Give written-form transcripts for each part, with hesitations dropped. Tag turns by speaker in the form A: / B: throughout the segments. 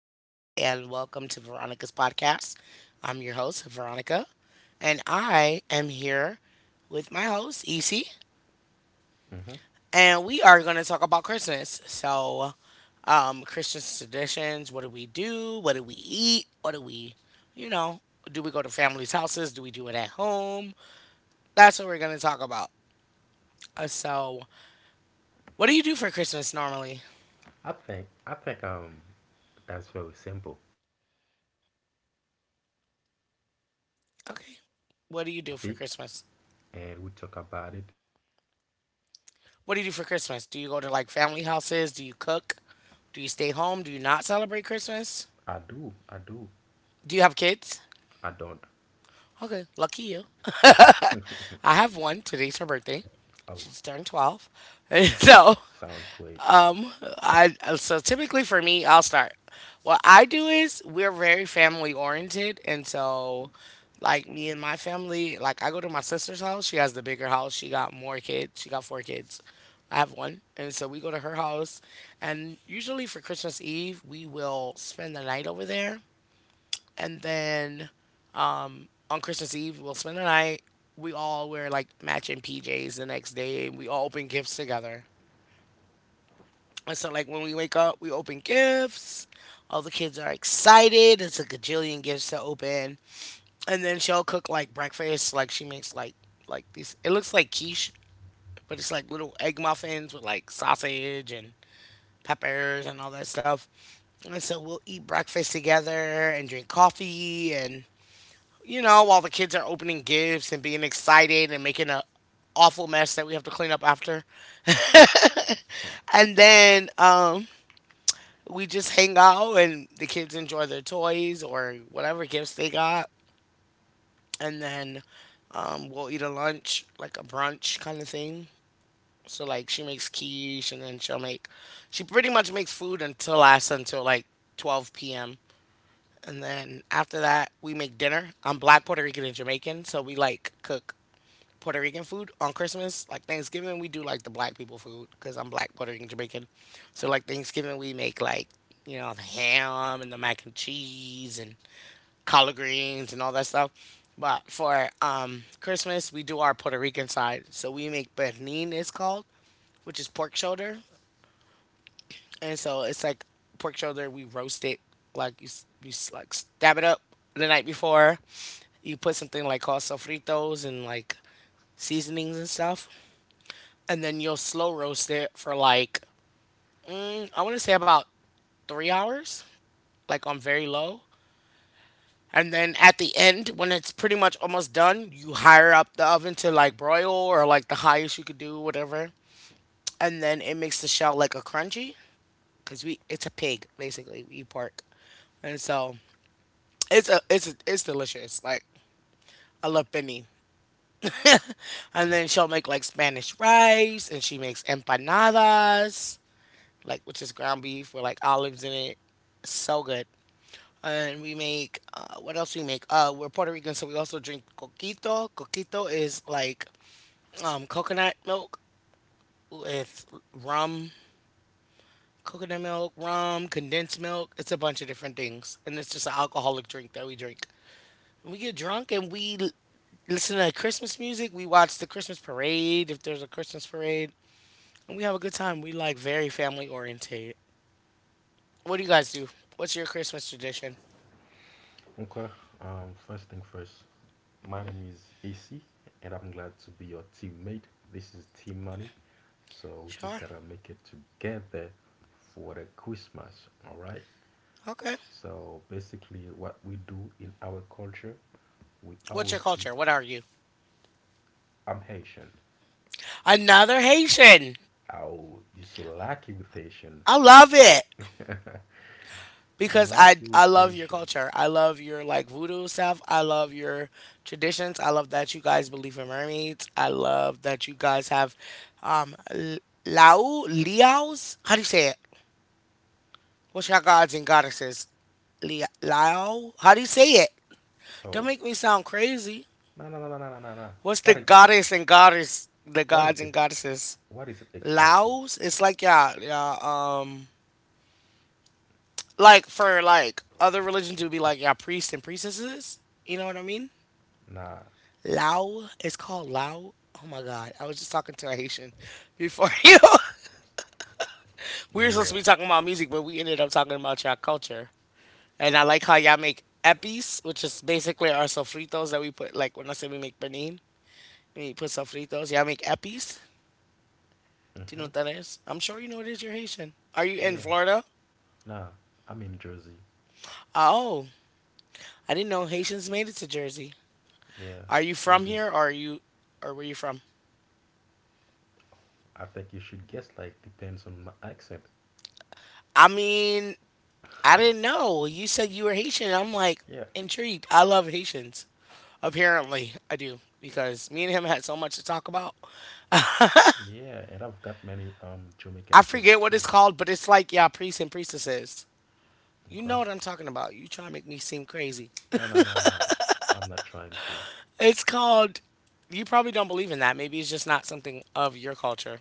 A: Veronica, and welcome to Veronica's podcast. I'm your host, Veronica, and I am here with my host, EC,
B: Hmm.
A: and we are going to talk about Christmas. Christmas traditions, what do we do? What do we eat? What do we, you know, do we go to families' houses? Do we do it at home? That's what we're going to talk about. Uh, so, what do you do for Christmas normally?
B: I think that's very simple. So basically, we just
A: Okay.
B: choose a
A: What do you do for
B: topic
A: Christmas?
B: and we talk about it.
A: What do you do for Christmas? Do you go to like family houses? Do you cook? Do you stay home? Do you not celebrate Christmas?
B: I do, I do.
A: Do you have kids?
B: I don't.
A: Okay, lucky you. I have one. Today's her birthday.
B: Oh,
A: She's turned 12. so
B: sounds great.
A: Um, so typically for me, I'll start. What I do is we're very family oriented, and so like me and my family, like I go to my sister's house. She has the bigger house. She got more kids. She got four kids. I have one, and so we go to her house, and usually for Christmas Eve we will spend the night over there, and then on Christmas Eve we'll spend the night. We all wear like matching PJs the next day, and we all open gifts together and so, like, when we wake up, we open gifts. All the kids are excited. It's a gajillion gifts to open. And then she'll cook, like, breakfast. Like, she makes, like these, it looks like quiche, but it's like little egg muffins with, like, sausage and peppers and all that stuff. And so we'll eat breakfast together and drink coffee. And, you know, while the kids are opening gifts and being excited and making a awful mess that we have to clean up after. and then, um, we just hang out and the kids enjoy their toys or whatever gifts they got, and then we'll eat a lunch, like a brunch kind of thing. So like she makes quiche and then she pretty much makes food until us until like 12 p.m. And then after that we make dinner. I'm Black Puerto Rican and Jamaican, so we like cook Puerto Rican food on Christmas. Like Thanksgiving, we do like the Black people food because I'm Black, Puerto Rican, Jamaican. So like Thanksgiving, we make like, you know, the ham and the mac and cheese and collard greens and all that stuff. But for Christmas, we do our Puerto Rican side. So we make pernil, it's called, which is pork shoulder, and so it's like pork shoulder. We roast it, like like stab it up the night before. You put something like called sofritos and like seasonings and stuff, and then you'll slow roast it for like I want to say about 3 hours, like on very low. And then at the end, when it's pretty much almost done, you higher up the oven to like broil or like the highest you could do, whatever. And then it makes the shell like a crunchy, because we, it's a pig basically. We eat pork, and so it's delicious. Like I love Benny. And then she'll make like Spanish rice, and she makes empanadas, like, which is ground beef with like olives in it. So good. And we make what else we make? We're Puerto Rican, so we also drink coquito. Coquito is like, coconut milk with rum, coconut milk, rum, condensed milk. It's a bunch of different things, and it's just an alcoholic drink that we drink. We get drunk and listen to Christmas music. We watch the Christmas parade if there's a Christmas parade, and we have a good time. We like very family oriented. What do you guys do? What's your Christmas tradition?
B: Okay. First thing first. My name is Issy, and I'm glad to be your teammate. This is Team Money, so we just
A: Sure.
B: gotta make it together for the Christmas. All right.
A: Okay.
B: So basically, what we do in our culture, we
A: What's your
B: always,
A: culture? What are you?
B: I'm Haitian.
A: Another Haitian.
B: Oh, you so lucky with Haitian.
A: I love it
B: You
A: because I
B: lucky with
A: I love your
B: Haitian.
A: culture. I love your like voodoo stuff. I love your traditions. I love that you guys believe in mermaids. I love that you guys have um l- Lao Liaos. How do you say it? What's your gods and goddesses? Lao. How do you say it? Don't
B: So,
A: make me sound crazy.
B: no, no, no, no, no, no, no, no.
A: What's the
B: What,
A: goddess and goddess? The
B: what
A: gods
B: is
A: and
B: it?
A: goddesses.
B: What is it exactly?
A: Laos. It's like, yeah, yeah. Like for like other religions it would be like, yeah, priests and priestesses, you know what I mean.
B: Nah,
A: Lao, it's called Lao. Oh my god, I was just talking to a Haitian before you. We were supposed to be
B: yeah.
A: talking about music but we ended up talking about y'all culture. And I like how y'all make epis, which is basically our sofritos that we put, like when I say we make benin, we put sofritos, y'all make epis. Do you know
B: Mm-hmm.
A: what that is? I'm sure you know what it is, you're Haitian. Are you in
B: Yeah.
A: Florida?
B: Nah, I'm in Jersey.
A: Oh, I didn't know Haitians made it to Jersey.
B: Yeah,
A: Are you
B: we
A: from
B: do.
A: here or are you, or where you from?
B: I think you should guess, like, depends on my accent.
A: I mean, I didn't know. You said you were Haitian. I'm like
B: Yeah.
A: intrigued. I love Haitians. Apparently, I do because me and him had so much to talk about.
B: Yeah, and I've got many Jamaican
A: I
B: friends
A: forget what it's
B: too.
A: called, but it's like, yeah, priests and priestesses. You know
B: Okay.
A: what I'm talking about. You trying to make me seem crazy.
B: No, no, no, no. I'm not trying to.
A: It's called. You probably don't believe in that. Maybe it's just not something of your culture.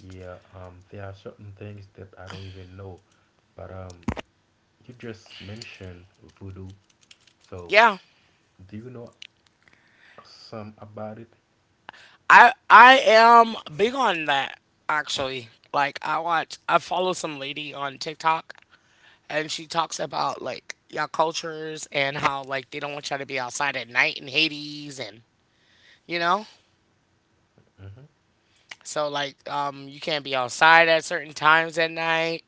B: Yeah, there are certain things that I don't even know. But you just mentioned voodoo. So,
A: Yeah,
B: do you know some about it?
A: I am big on that actually. Like I watch, I follow some lady on TikTok and she talks about like y'all cultures and how like they don't want y'all to be outside at night in Hades and you know.
B: Mm-hmm.
A: So like you can't be outside at certain times at night.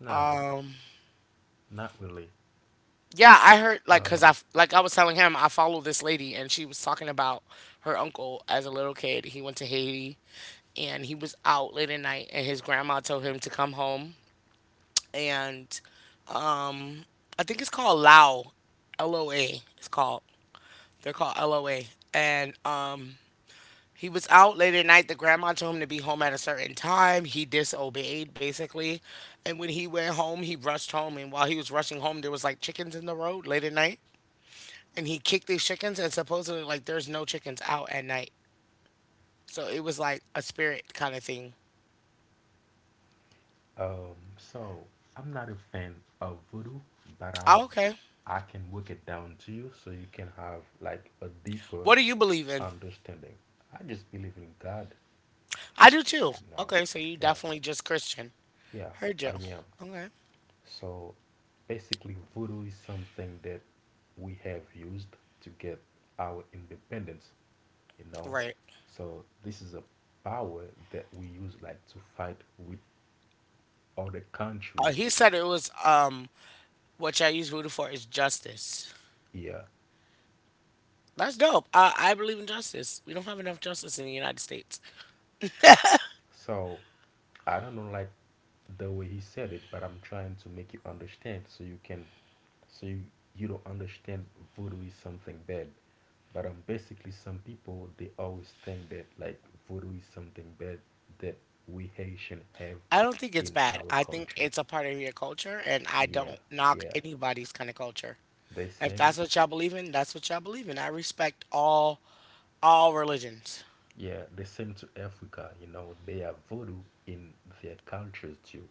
B: Nah,
A: Um
B: not really.
A: yeah, I heard like cuz
B: So,
A: like I was telling him I follow this lady and she was talking about her uncle as a little kid. He went to Haiti and he was out late at night and his grandma told him to come home, and I think it's called Lao. LOA, it's called. They're called LOA. And He was out late at night. The grandma told him to be home at a certain time. He disobeyed, basically. And when he went home, he rushed home. And while he was rushing home, there was like chickens in the road late at night. And he kicked these chickens, and supposedly, like, there's no chickens out at night. So it was like a spirit kind of thing.
B: um, so I'm not a fan of voodoo, but
A: Oh, okay.
B: I can break it down to you so you can have like a deeper
A: What do you believe in?
B: understanding. I just believe in God,
A: I do too.
B: you know.
A: Okay, so you
B: Yeah,
A: definitely just Christian.
B: yeah,
A: Heard
B: I
A: you.
B: am.
A: Okay.
B: So basically, voodoo is something that we have used to get our independence, you know.
A: Right.
B: So this is a power that we use like to fight with other countries
A: He said it was what I use voodoo for is justice.
B: here.
A: That's dope. I believe in justice. We don't have enough justice in the United States.
B: So I don't know like the way he said it, but I'm trying to make you understand so you can so you, you don't understand voodoo is something bad. But basically some people they always think that like voodoo is something bad that we Haitian have
A: I don't think it's
B: in
A: bad.
B: our
A: I think
B: culture.
A: it's a part of your culture, and I
B: Yeah,
A: don't knock
B: yeah.
A: anybody's kind of culture.
B: They
A: If that's
B: same
A: what y'all believe in, that's what y'all believe in. I respect all religions.
B: yeah, they same to Africa, you know, they have voodoo in their cultures too.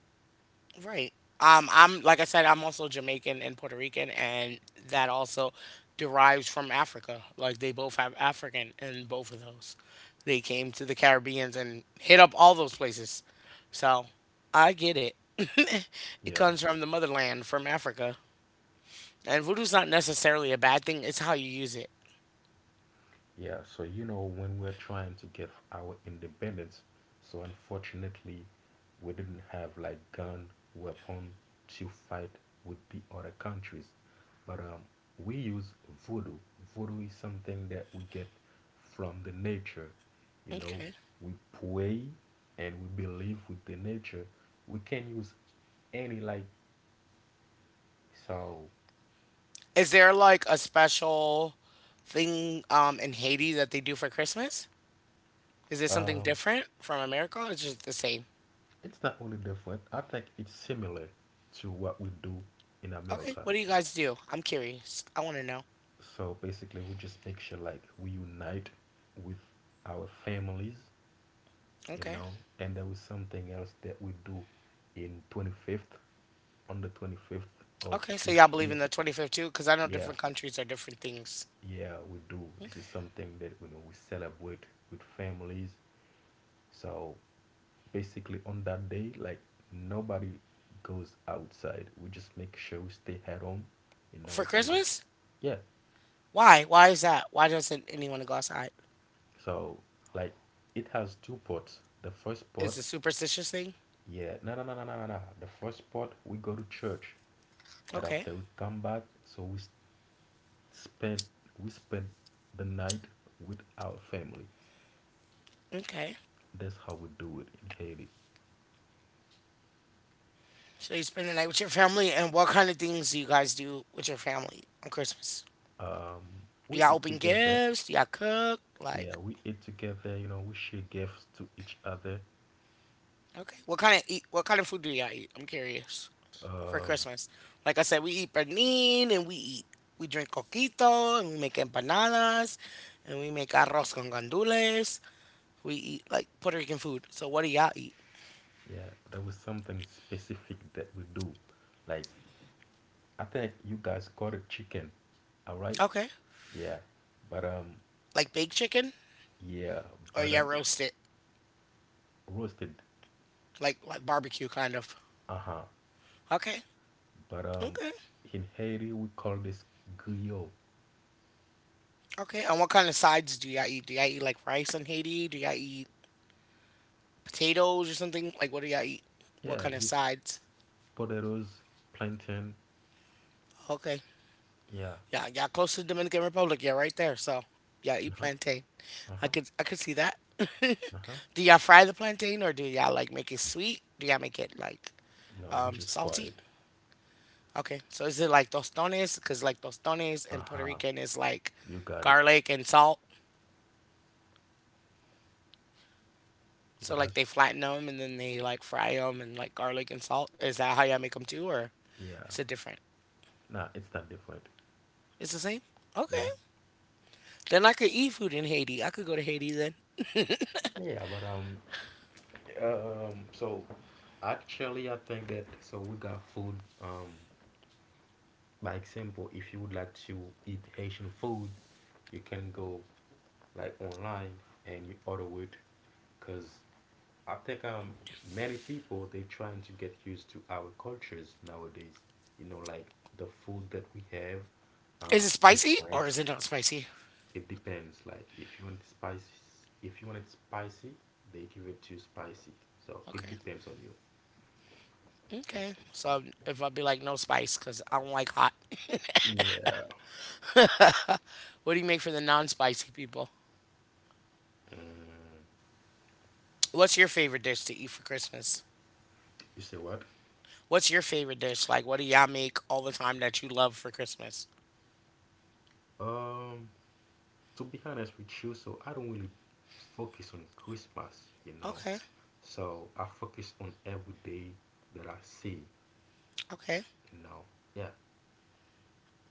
A: Right. I'm, like I said, I'm also Jamaican and Puerto Rican, and that also derives from Africa. Like they both have African in both of those. They came to the Caribbeans and hit up all those places. So I get it. It
B: Yeah.
A: comes from the motherland, from Africa. And voodoo's not necessarily a bad thing, it's how you use it.
B: Yeah, so when we're trying to get our independence, so unfortunately, we didn't have like gun weapon to fight with the other countries. But we use voodoo. Voodoo is something that we get from the nature. You know,
A: Okay.
B: we pray and we believe with the nature. We can use any like so.
A: Is there like a special thing in Haiti that they do for Christmas? Is it something
B: Um,
A: different from America? Or it's just the same.
B: it's not only different. I think it's similar to what we do in
A: Okay,
B: America.
A: what do you guys do? I'm curious. I want to know.
B: So basically, we just make sure like we unite with our families, you
A: Okay.
B: know. And there was something else that we do in 25th, on the 25th of
A: Okay, so y'all
B: each
A: believe
B: year.
A: in the 25th too? Because I know
B: Yeah,
A: different countries are different things.
B: yeah, we do. This
A: Okay.
B: is something that you know we celebrate with families. So basically, on that day, like nobody goes outside. We just make sure we stay at home.
A: For
B: So
A: Christmas?
B: yeah,
A: Why? Why is that? Why doesn't anyone go outside?
B: so like it has two parts.
A: Is it a superstitious thing?
B: Yeah, no, no, no, no, no, no, no. The first part, we go to church, and
A: Okay.
B: after we come back, so spend we spend the night with our family.
A: Okay.
B: That's how we do it in Haiti.
A: So you spend the night with your family, and what kind of things do you guys do with your family on Christmas?
B: Um,
A: Do
B: we
A: y'all
B: eat
A: open
B: together.
A: gifts? Do y'all cook?
B: Yeah,
A: Like,
B: we ate together, we share gifts to each other.
A: okay, what kind of eat? What kind of food do y'all eat? I'm curious. For
B: Um,
A: Christmas. Like I said, we eat pernil and we eat, we drink coquito and we make empanadas and we make arroz con gandules. We eat like Puerto Rican food. So what do y'all eat?
B: yeah, there was something specific that we do. Like, I think you guys caught a chicken, all right?
A: Okay,
B: Yeah, but
A: like baked chicken
B: yeah,
A: or
B: but
A: y'all
B: um,
A: roast it,
B: roasted,
A: like barbecue kind of.
B: uh-huh.
A: Okay,
B: But
A: okay,
B: in Haiti we call this guillot.
A: okay. And what kind of sides do y'all eat? Do y'all eat like rice in Haiti? Do y'all eat potatoes or something? Like what do y'all eat? What
B: Yeah,
A: kind of
B: with
A: sides?
B: potatoes, plantain.
A: Okay,
B: Yeah,
A: yeah, yeah, close to the Dominican Republic. Yeah, right there. So yeah, eat
B: uh-huh,
A: plantain. I
B: uh-huh,
A: could I could see that.
B: uh-huh.
A: Do y'all fry the plantain or do y'all like make it sweet? Do y'all make it like
B: No, we just fry
A: salty?
B: it.
A: Okay, so is it like tostones? Because like tostones in Puerto
B: Uh-huh,
A: Rican is like
B: you got it.
A: garlic and salt.
B: Yeah,
A: So like
B: that's,
A: they flatten them and then they like fry them and like garlic and salt. Is that how y'all make them too, or
B: yeah.
A: is it different?
B: Nah, it's not different.
A: It's the same. Okay,
B: Yeah.
A: then I could eat food in Haiti. I could go to Haiti then.
B: Yeah, but so actually, I think that so we got food. Um, by example, if you would like to eat Haitian food, you can go like online and you order it, cause I think many people they trying to get used to our cultures nowadays. You know, like the food that we have,
A: Is it
B: the
A: spicy or
B: drinks,
A: is it not spicy?
B: it depends. Like if you want it spicy, if you want it spicy, they give it to you spicy. So it
A: Okay.
B: depends on you.
A: Okay. So if I'd be like no spice because I don't like hot.
B: Yeah.
A: what do you make for the non-spicy people?
B: Mm,
A: What's your favorite dish to eat for Christmas?
B: you say what?
A: What's your favorite dish? Like, what do y'all make all the time that you love for Christmas?
B: Um, to be honest with you, so I don't really focus on Christmas.
A: Okay.
B: So I focus on every day that I see,
A: Okay.
B: you know. Yeah.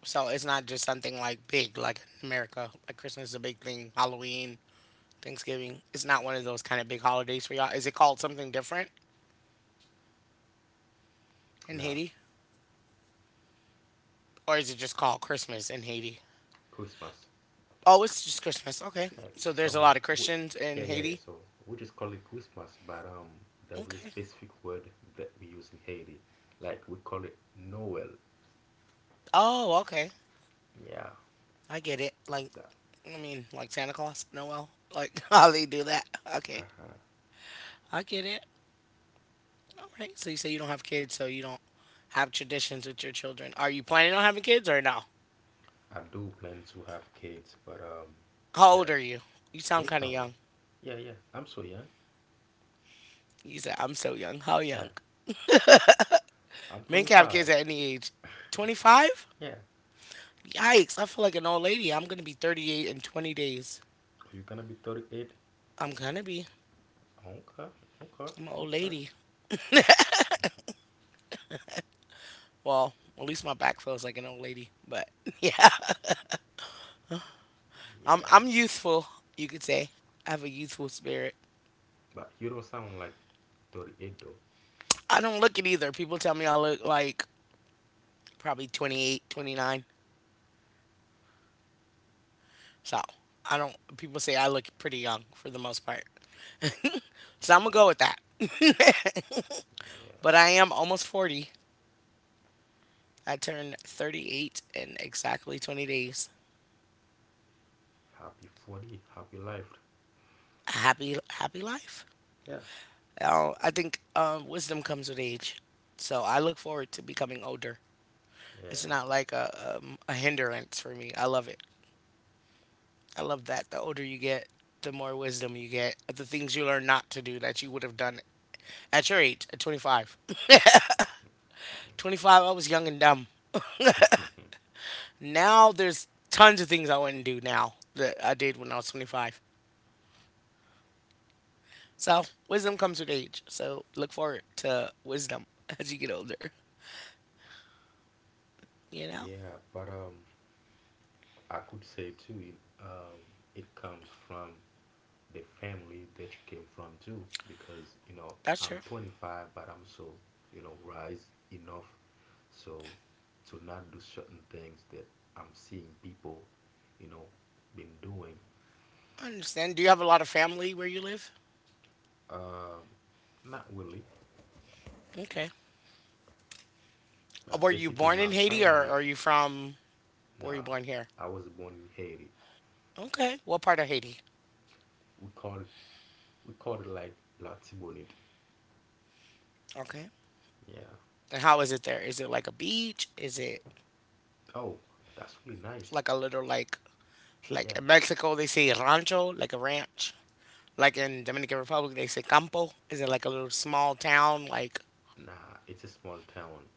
A: So it's not just something like big, like in America. Like Christmas is a big thing. Halloween, Thanksgiving. It's not one of those kind of big holidays for y'all. Is it called something different in
B: Now
A: Haiti, or is it just called Christmas in Haiti?
B: Christmas.
A: Oh, it's just Christmas. Okay.
B: Like
A: So
B: so,
A: there's a lot of
B: we,
A: Christians
B: yeah,
A: in
B: yeah, yeah.
A: Haiti.
B: So we just call it Christmas, but there was a
A: Okay.
B: specific word that we use in Haiti, like we call it Noel.
A: Oh, okay.
B: Yeah,
A: I get it. Like,
B: that.
A: I mean, like Santa Claus, Noel, like how they do that. Okay,
B: Uh-huh.
A: I get it. All right. So you say you don't have kids, so you don't have traditions with your children. Are you planning on having kids or no?
B: I do plan to have kids, but
A: How
B: yeah,
A: old are you? You sound
B: they
A: kind of
B: coming.
A: young.
B: Yeah, yeah. I'm so young.
A: You said I'm so young. How
B: Yeah,
A: young?
B: I'm
A: Men can have kids
B: 25.
A: at any age. 25?
B: Yeah, are
A: Yikes! I feel like an old lady. I'm gonna be 38 in 20 days.
B: you gonna be 38?
A: I'm gonna be.
B: Okay, okay,
A: I'm an old
B: okay.
A: lady. Well, at least my back feels like an old lady. But yeah, I'm
B: Yeah,
A: I'm youthful, you could say. I have a youthful spirit.
B: but you don't sound like 38 though.
A: I don't look it either. People tell me I look like probably 28, 29. So I don't. People say I look pretty young for the most part. so I'm gonna
B: Yeah,
A: go with that.
B: yeah.
A: but I am almost 40. I turned 38 in exactly 20 days.
B: Happy 40, happy life.
A: A happy happy life.
B: Yeah.
A: Oh, I think wisdom comes with age. So I look forward to becoming older.
B: Yeah,
A: It's not like a hindrance for me. I love it. I love that. The older you get, the more wisdom you get. The things you learn not to do that you would have done at your age, at 25. 25, I was young and dumb. Now there's tons of things I wouldn't do now that I did when I was 25. So wisdom comes with age. So look forward to wisdom as you get older. You know,
B: yeah, but I could say too, um, it comes from the family that you came from too, because you know
A: that's
B: I'm
A: true.
B: 25, but I'm so you know rise enough, so to not do certain things that I'm seeing people, you know, been doing.
A: I understand. Do you have a lot of family where you live?
B: Um, Not really,
A: Okay. Were
B: but
A: you
B: basically
A: born in
B: my
A: Haiti or
B: family.
A: are you from? Were you
B: Nah,
A: born here?
B: I was born in Haiti.
A: Okay. What part of Haiti?
B: We call it, we call it like La Tibonite.
A: Okay.
B: Yeah.
A: And how is it there? Is it like a beach? Is it
B: Oh, that's really nice.
A: like a little like
B: Yeah.
A: in Mexico they say rancho, like a ranch. Like in Dominican Republic they say campo. Is it like a little small town? Like
B: Nah, it's a small town.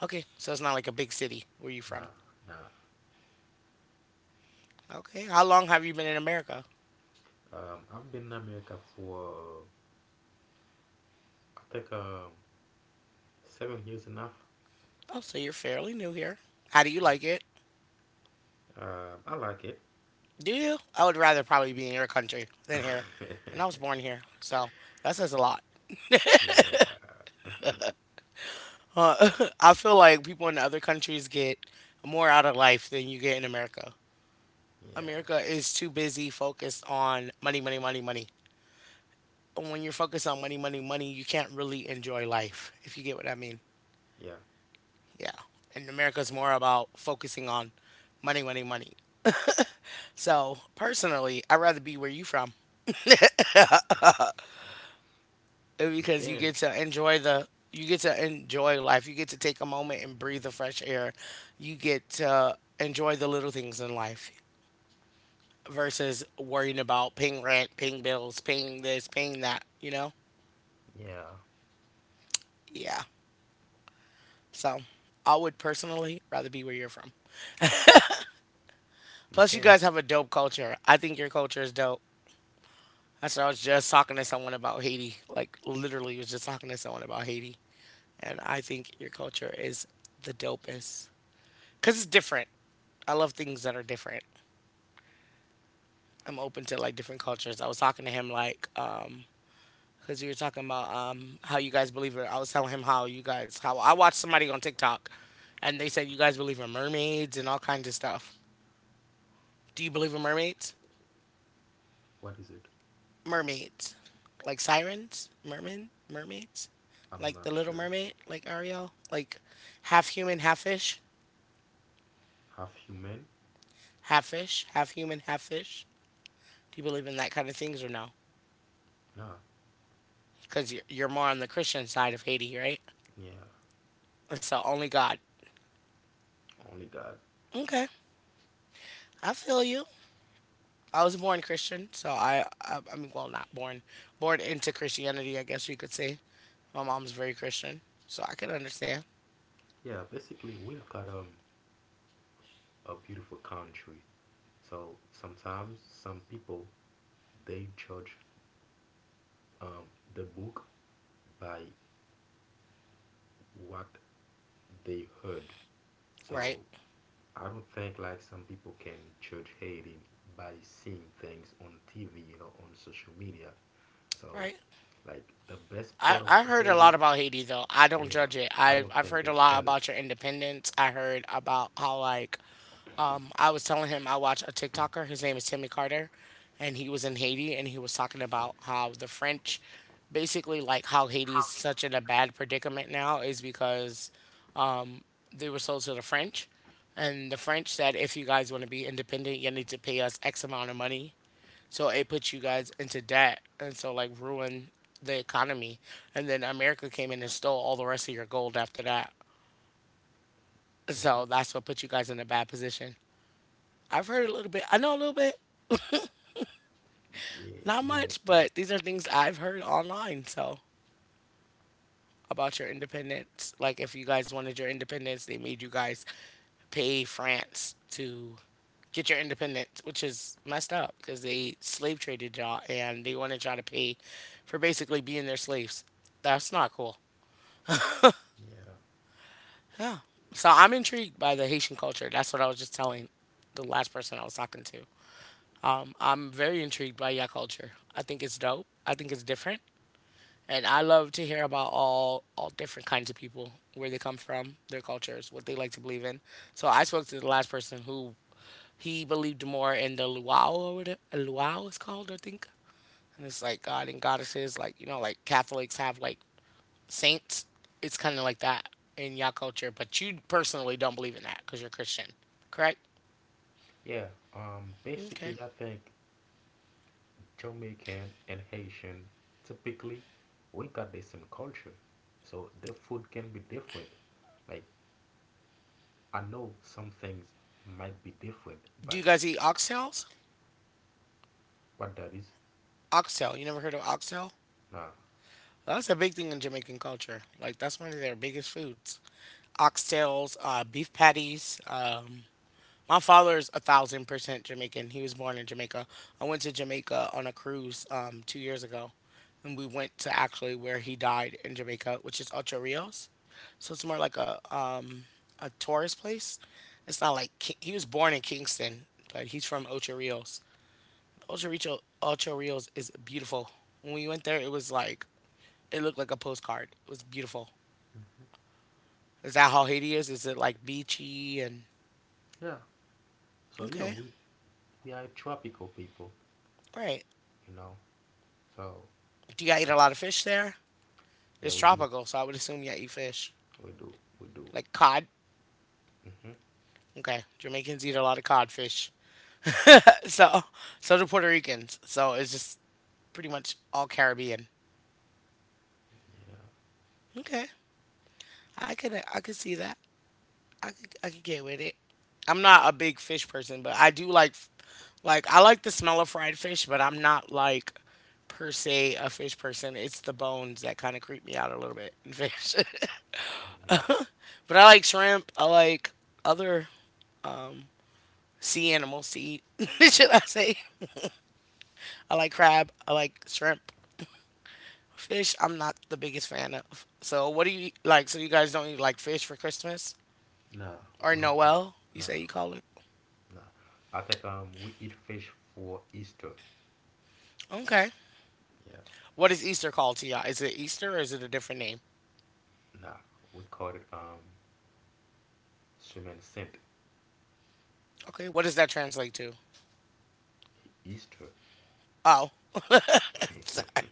A: okay, so it's not like a big city where you from.
B: Nah, nah.
A: Okay. How long have you been in America?
B: I've been in America for I think 7 years enough.
A: Oh, so you're fairly new here. How do you like it?
B: I like it.
A: Do you? I would rather probably be in your country than here. And I was born here, so that says a lot.
B: Yeah,
A: Uh, I feel like people in other countries get more out of life than you get in America.
B: yeah,
A: America is too busy focused on money, money, money, money. And when you're focused on money, money, money, you can't really enjoy life, if you get what I mean.
B: yeah.
A: Yeah. And America's more about focusing on money, money, money. So personally, I'd rather be where you from
B: You
A: because you
B: can.
A: get to enjoy the you get to enjoy life. You get to take a moment and breathe the fresh air. You get to enjoy the little things in life versus worrying about paying rent, paying bills, paying this, paying that,
B: Yeah,
A: Yeah. So I would personally rather be where you're from.
B: you
A: Plus, you
B: can.
A: guys have a dope culture. I think your culture is dope. That's what I was just talking to someone about Haiti. Like, literally, was just talking to someone about Haiti. And I think your culture is the dopest. Because it's different. I love things that are different. I'm open to like different cultures. I was talking to him like, because you were talking about how you guys believe it. I was telling him how you guys how I watched somebody on TikTok, and they said you guys believe in mermaids and all kinds of stuff. Do you believe in mermaids?
B: What is it?
A: Mermaids, like sirens, merman, mermaids,
B: I'm
A: like the
B: not
A: Little
B: sure.
A: Mermaid, like Ariel, like half human, half fish,
B: Half human?
A: half fish, half human, half fish. Do you believe in that kind of things or no?
B: Nah.
A: Because you're more on the Christian side of Haiti, right?
B: Yeah,
A: It's the only God.
B: only God.
A: Okay, I feel you. I was born Christian, so I mean, well, not born, born into Christianity, I guess you could say. My mom's very Christian, so I can understand.
B: Yeah, basically we've got a beautiful country. So sometimes some people they judge um, the book by what they heard. So
A: Right,
B: I don't think like some people can judge Haiti by seeing things on TV, you know, on social media. So
A: right.
B: like the best
A: I,
B: part of
A: I heard a
B: Haiti,
A: lot about Haiti though. I don't
B: yeah,
A: judge it.
B: I
A: I
B: don't
A: I've
B: think
A: heard
B: they
A: a lot
B: sell it.
A: about your independence. I heard about how like I was telling him I watch a TikToker. His name is Timmy Carter, and he was in Haiti and he was talking about how the French, basically like how Haiti's such in a bad predicament now is because, um they were sold to the French, and the French said if you guys want to be independent, you need to pay us X amount of money so it put you guys into debt and so like ruined the economy. And then America came in and stole all the rest of your gold after that.
B: Mhm.
A: So that's what put you guys in a bad position. I've heard a little bit. I know a little bit,
B: Yeah,
A: not
B: you know.
A: much, but these are things I've heard online. So about your independence, like if you guys wanted your independence, they made you guys pay France to get your independence, which is messed up because they slave traded y'all and they wanted y'all to pay for basically being their slaves. That's not cool.
B: Yeah,
A: Yeah. So I'm intrigued by the Haitian culture. That's what I was just telling the last person I was talking to. I'm very intrigued by your culture. I think it's dope. I think it's different. And I love to hear about all different kinds of people, where they come from, their cultures, what they like to believe in. So I spoke to the last person who he believed more in the luau or whatever luau is called, I think. And it's like God and goddesses, like, like Catholics have like saints, it's kind of like that in y'all culture, but you personally don't believe in that because you're Christian, correct?
B: yeah.
A: Okay.
B: Basically, I think Jamaican and Haitian, typically we got the same culture. So the food can be different. Like I know some things might be different,
A: Do
B: but
A: you guys eat oxtails?
B: what that is,
A: Oxtail. You never heard of oxtail?
B: nah.
A: Well, that's a big thing in Jamaican culture. Like that's one of their biggest foods. Oxtails, beef patties, my father is 1000% Jamaican. He was born in Jamaica. I went to Jamaica on a cruise 2 years ago, and we went to actually where he died in Jamaica, which is Ocho Rios. So it's more like a tourist place. It's not like Ki- he was born in Kingston, but he's from Ocho Rios. Ocho Rico, Ocho Rios is beautiful. When we went there, it was like it looked like a postcard. It was beautiful.
B: Mhm.
A: Is that how Haiti is? Is it like beachy and
B: Yeah. So you know
A: okay?
B: we are tropical people,
A: All right.
B: you know. So
A: Do you guys eat a lot of fish there?
B: yeah,
A: It's
B: we do,
A: tropical, so I would assume you eat fish,
B: we do, we do.
A: like cod.
B: Hmm.
A: Okay, Jamaicans eat a lot of codfish. So, so do Puerto Ricans. So it's just pretty much all Caribbean.
B: Yeah.
A: Okay, I could see that. I could get with it. I'm not a big fish person, but I do like I like the smell of fried fish, but I'm not like per se a fish person. It's the bones that kind of creep me out a little bit in fish.
B: Hmm.
A: but I like shrimp. I like other sea animals to eat. Should I say? I like crab. I like shrimp. Fish, I'm not the biggest fan of. So, what do you eat- like? So, you guys don't eat like fish for Christmas
B: Nah,
A: or
B: we don't eat.
A: Noel? You
B: Nah,
A: say you call it?
B: nah. I think we eat fish for Easter.
A: Okay.
B: Yeah.
A: What is Easter called to y'all? Is it Easter or is it a different name?
B: Nah, we call it Schumann sent
A: Okay. What does that translate to?
B: Easter.
A: Oh. Sorry.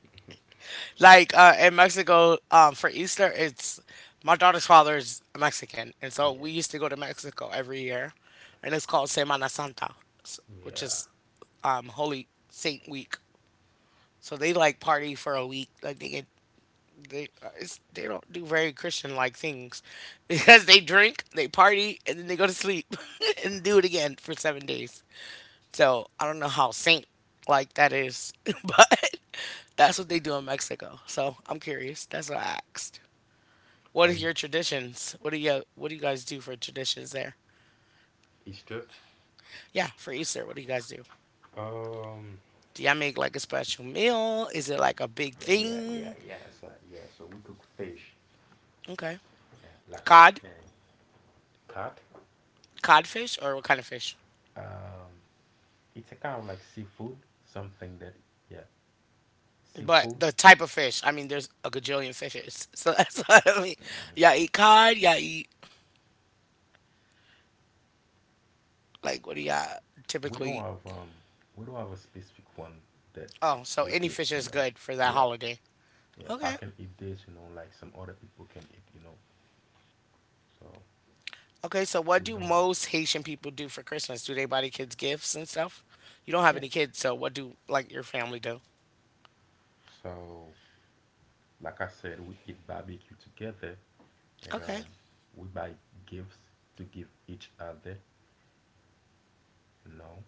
A: Like in Mexico, for Easter, it's, my daughter's father is Mexican, and so
B: Yeah,
A: we used to go to Mexico every year, and it's called Semana Santa, which
B: yeah.
A: is Holy Saint Week. So they like party for a week. Like they they don't do very Christian like things because they drink, they party, and then they go to sleep and do it again for 7 days. So I don't know how saint like that is, but that's what they do in Mexico. So I'm curious. That's what I asked. What are
B: And
A: your traditions? What do you guys do for traditions there?
B: Easter.
A: Yeah, for Easter, what do you guys do?
B: Um.
A: Do y'all make like a special meal? Is it like a big
B: Yeah, yeah, yeah,
A: thing?
B: yeah. So yeah, so we cook fish.
A: Okay,
B: Yeah, like I was
A: cod,
B: saying, pot.
A: codfish, or what kind of fish?
B: Um, it's a kind of like seafood, something that yeah,
A: But
B: seafood.
A: the type of fish, I mean, there's a gajillion fishes. So that's what I mean.
B: Mhm.
A: Y'all eat cod, y'all eat, like, what do y'all
B: We
A: typically
B: don't
A: eat?
B: have um, we don't have a specific one that
A: Oh, so
B: we
A: any
B: eat.
A: fish
B: You
A: is
B: know.
A: good for that
B: Yeah,
A: holiday.
B: yeah. I
A: Okay.
B: can eat this. You know, like some other people can eat. You know. So
A: Okay, so what
B: we
A: do
B: don't have.
A: most Haitian people do for Christmas? Do they buy the kids gifts and stuff? You don't have
B: Yeah.
A: any kids, so what do, like, your family do?
B: So like I said, we eat barbecue together, and
A: Okay.
B: we buy gifts to give each other. You know,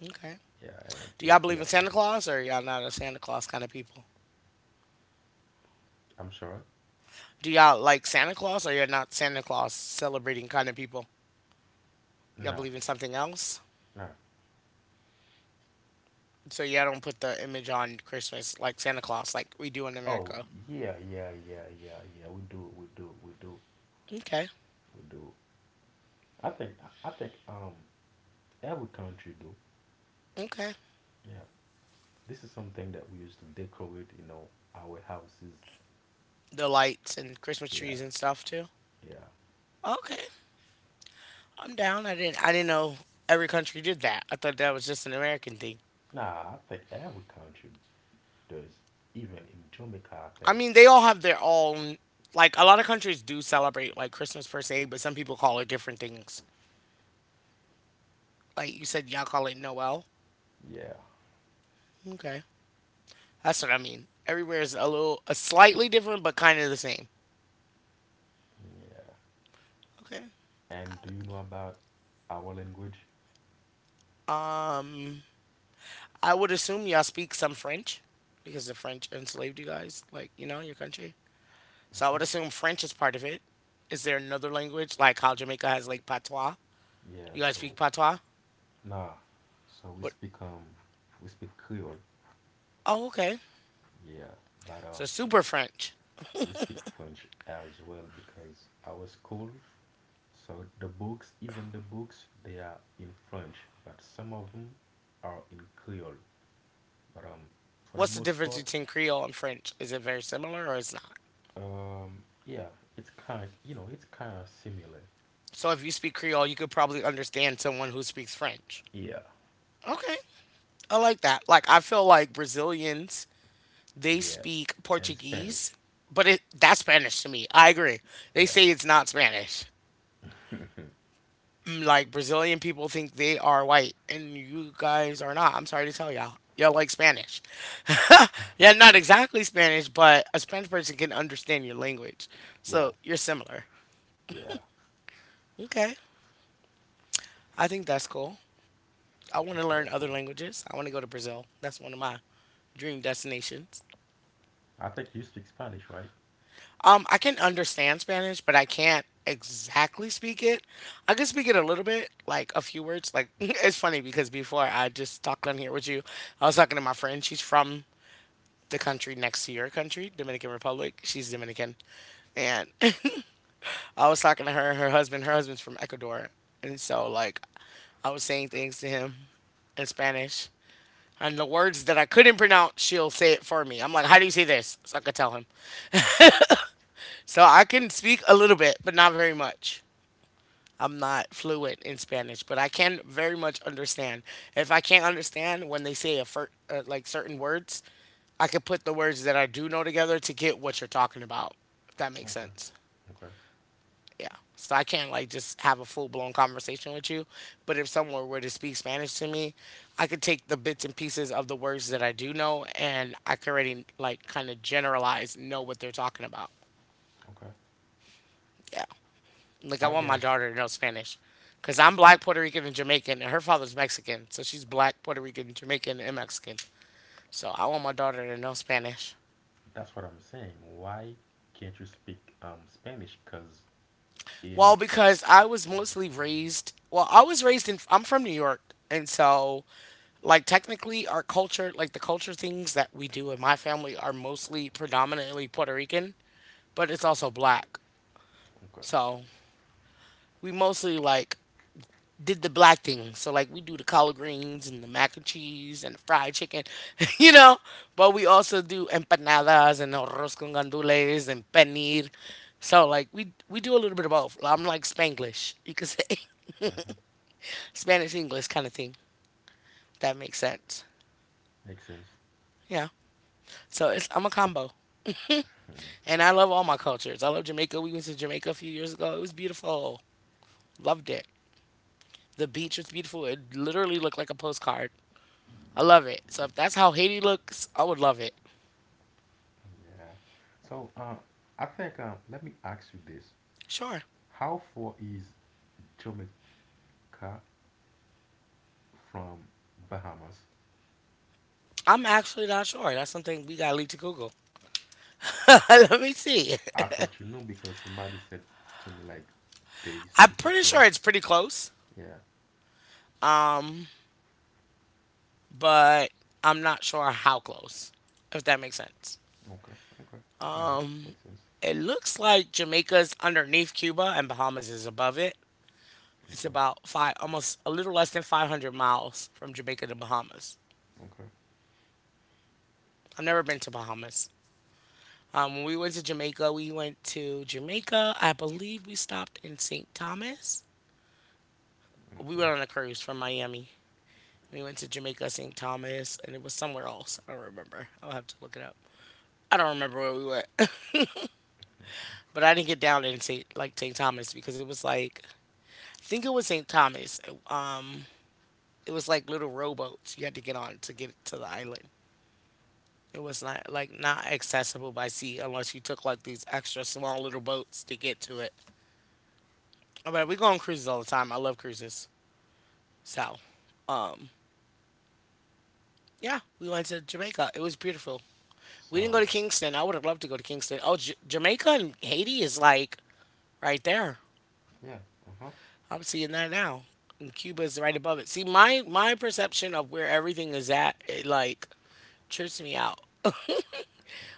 A: Okay.
B: yeah. And
A: Do
B: if
A: y'all
B: we
A: believe in
B: have to
A: Santa
B: go,
A: Claus or y'all not a Santa Claus kind of people?
B: I'm sure.
A: Do y'all like Santa Claus or you're not Santa Claus celebrating kind of people? Y'all
B: Nah,
A: believe in something else?
B: nah.
A: So yeah, I don't put the image on Christmas like Santa Claus like we do in
B: Oh
A: America.
B: yeah, yeah, yeah, yeah, yeah. We do, we do, we do,
A: Okay.
B: we do. I think, I think every country do.
A: Okay.
B: Yeah, this is something that we used to decorate. You know, our houses.
A: The lights and Christmas
B: Yeah,
A: trees and stuff too.
B: yeah.
A: Okay. I'm down. I didn't know every country did that. I thought that was just an American thing.
B: Nah, I think every country does. Even in Jamaica, I
A: I
B: think.
A: mean, they all have their own, like a lot of countries do celebrate like Christmas per se, but some people call it different things. Like you said y'all call it Noel.
B: Yeah.
A: Okay. That's what I mean. Everywhere is a little a slightly different but kind of the same.
B: Yeah.
A: Okay.
B: And do you know about our language?
A: Um I would assume y'all speak some French because the French enslaved you guys, like, you know, your country. So I would
B: Mm-hmm.
A: assume French is part of it. Is there another language like how Jamaica has like patois?
B: Yeah,
A: You guys speak
B: so
A: patois?
B: nah. So we
A: What?
B: speak um we speak Creole.
A: Oh, okay.
B: Yeah, but
A: So super French.
B: we speak French as well because our school so the books they are in French, but some of them are in Creole. But for the
A: What's the
B: most
A: difference
B: part
A: between Creole and French? Is it very similar or it's not?
B: yeah, it's kind of similar.
A: So if you speak Creole, you could probably understand someone who speaks French.
B: Yeah.
A: Okay. I like that. Like I feel like Brazilians they
B: Yeah.
A: speak
B: And
A: Portuguese,
B: Spanish.
A: but it that's Spanish to me. I agree. They
B: Yeah.
A: say it's not Spanish. Like Brazilian people think they are white, and you guys are not. I'm sorry to tell y'all. Y'all like Spanish. yeah, not exactly Spanish, but a Spanish person can understand your language.
B: Yeah.
A: So you're similar.
B: Yeah.
A: Okay. I think that's cool. I want to
B: Very
A: learn other
B: cool.
A: languages. I want to go to Brazil. That's one of my dream destinations.
B: I think you speak Spanish, right?
A: I can understand Spanish, but I can't exactly speak it. I can speak it a little bit, like a few words. Like it's funny because before I just talked on here with you, I was talking to my friend. She's from the country next to your country, Dominican Republic. She's Dominican, and I was talking to her and her husband. Her husband's from Ecuador, and so like I was saying things to him in Spanish. And the words that I couldn't pronounce, she'll say it for me. I'm like, how do you say this? So I could tell him. So I can speak a little bit, but not very much. I'm not fluent in Spanish, but I can very much understand. If I can't understand when they say like certain words, I could put the words that I do know together to get what you're talking about. If that makes
B: Okay.
A: sense.
B: Okay.
A: Yeah. So I can't like just have a full blown conversation with you, but if someone were to speak Spanish to me, I could take the bits and pieces of the words that I do know, and I could already like kind of generalize know what they're talking about.
B: Okay.
A: Yeah. Like I
B: I
A: want my
B: guess.
A: daughter to know Spanish, cause I'm black, Puerto Rican, and Jamaican, and her father's Mexican, so she's black, Puerto Rican, Jamaican, and Mexican. So I want my daughter to know Spanish.
B: That's what I'm saying. Why can't you speak Spanish? Cause
A: Well,
B: in.
A: because I was mostly raised. Well, I was raised in. I'm from New York, and so like technically our culture, like the culture things that we do in my family are mostly predominantly Puerto Rican, but it's also black.
B: Okay.
A: So we mostly like did the black thing. So like we do the collard greens and the mac and cheese and the fried chicken, you know. But we also do empanadas and arroz con gandules and paneer. So like we do a little bit of both. I'm like Spanglish, you could say.
B: Mm-hmm.
A: Spanish English kind of thing. If that makes sense.
B: Makes sense.
A: Yeah. So it's I'm a combo, and I love all my cultures. I love Jamaica. We went to Jamaica a few years ago. It was beautiful. Loved it. The beach was beautiful. It literally looked like a postcard. I love it. So if that's how Haiti looks, I would love it.
B: Yeah. So I think let me ask you this:
A: Sure.
B: How far is Jamaica from Bahamas?
A: I'm actually not sure. That's something we gotta leave to Google. Let me see.
B: I thought you knew because somebody said to me like they
A: I'm
B: super
A: pretty sure
B: close.
A: it's pretty close,
B: Yeah.
A: but I'm not sure how close, if that makes sense.
B: Okay. Okay. Got it. Makes sense.
A: It looks like Jamaica's underneath Cuba and Bahamas is above it. It's
B: Okay.
A: about five, almost a little less than 500 miles from Jamaica to Bahamas.
B: Okay.
A: I've never been to Bahamas. When we went to Jamaica, we went to Jamaica. I believe we stopped in St. Thomas. We
B: Okay.
A: went on a cruise from Miami. We went to Jamaica, St. Thomas, and it was somewhere else. I don't remember. I'll have to look it up. I don't remember where we went, but I didn't get down in St. Thomas because it was like I think it was St. Thomas. Um, it was like little rowboats you had to get on to get to the island. It was not like not accessible by sea unless you took like these extra small little boats to get to it. But we go on cruises all the time. I love cruises. So, um, yeah, we went to Jamaica. It was beautiful. We didn't go to
B: So
A: Kingston. I would have loved to go to Kingston. Oh, Jamaica and Haiti is like right there.
B: yeah. Uh huh.
A: I'm seeing that now. And Cuba is right above it. See, my perception of where everything is at, it like trips me out.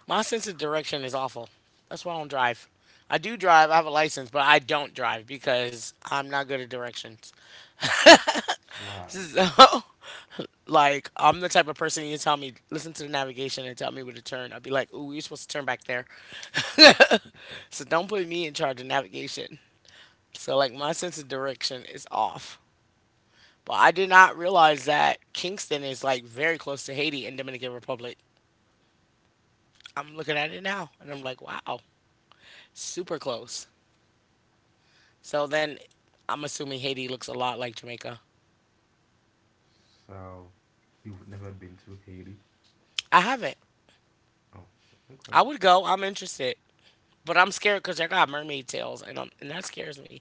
A: My sense of direction is awful. That's why I don't drive. I do drive. I have a license, but I don't drive because I'm not good at directions.
B: Why?
A: So, like, I'm the type of person you tell me, listen to the navigation and tell me where to turn. I'd be like, ooh, you're supposed to turn back there. so don't put me in charge of navigation. So like my sense of direction is off. But I did not realize that Kingston is like very close to Haiti and Dominican Republic. I'm looking at it now and I'm like, wow, super close. So then I'm assuming Haiti looks a lot like Jamaica.
B: So you've never been to Haiti?
A: I haven't.
B: Oh. Okay.
A: I would go. I'm interested. But I'm scared because they got mermaid tails, and, I and that scares me.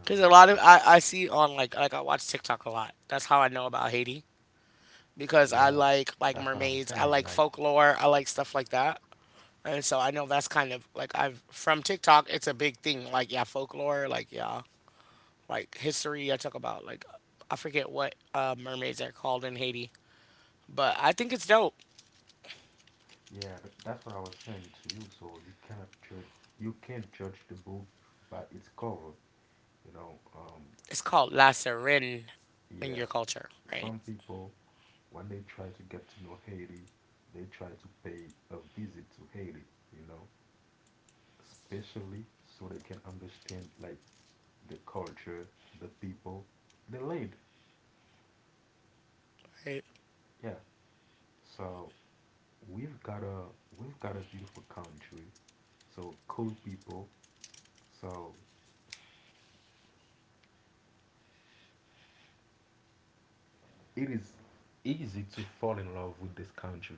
A: Because a lot of I see on like I watch TikTok a lot. That's how I know about Haiti because I
B: yeah.
A: like
B: That's what I'm
A: mermaids. I
B: saying.
A: like
B: Like
A: folklore. I like stuff like that. And so I know that's kind of like I've from TikTok, it's a big thing. Like, yeah, folklore, like, yeah, like history. I talk about, like, I forget what mermaids are called in Haiti, but I think it's dope.
B: yeah. That's what I was saying to you. So you cannot judge. You can't judge the book by its cover. You know.
A: It's called La Sirene in
B: Yeah.
A: your culture, right?
B: Some people, when they try to get to know Haiti, they try to pay a visit to Haiti. You know. Especially so they can understand like the culture, the people, the land.
A: Right?
B: Yeah. So we've got a we've got a beautiful country, so cool people. So it is easy to fall in love with this country.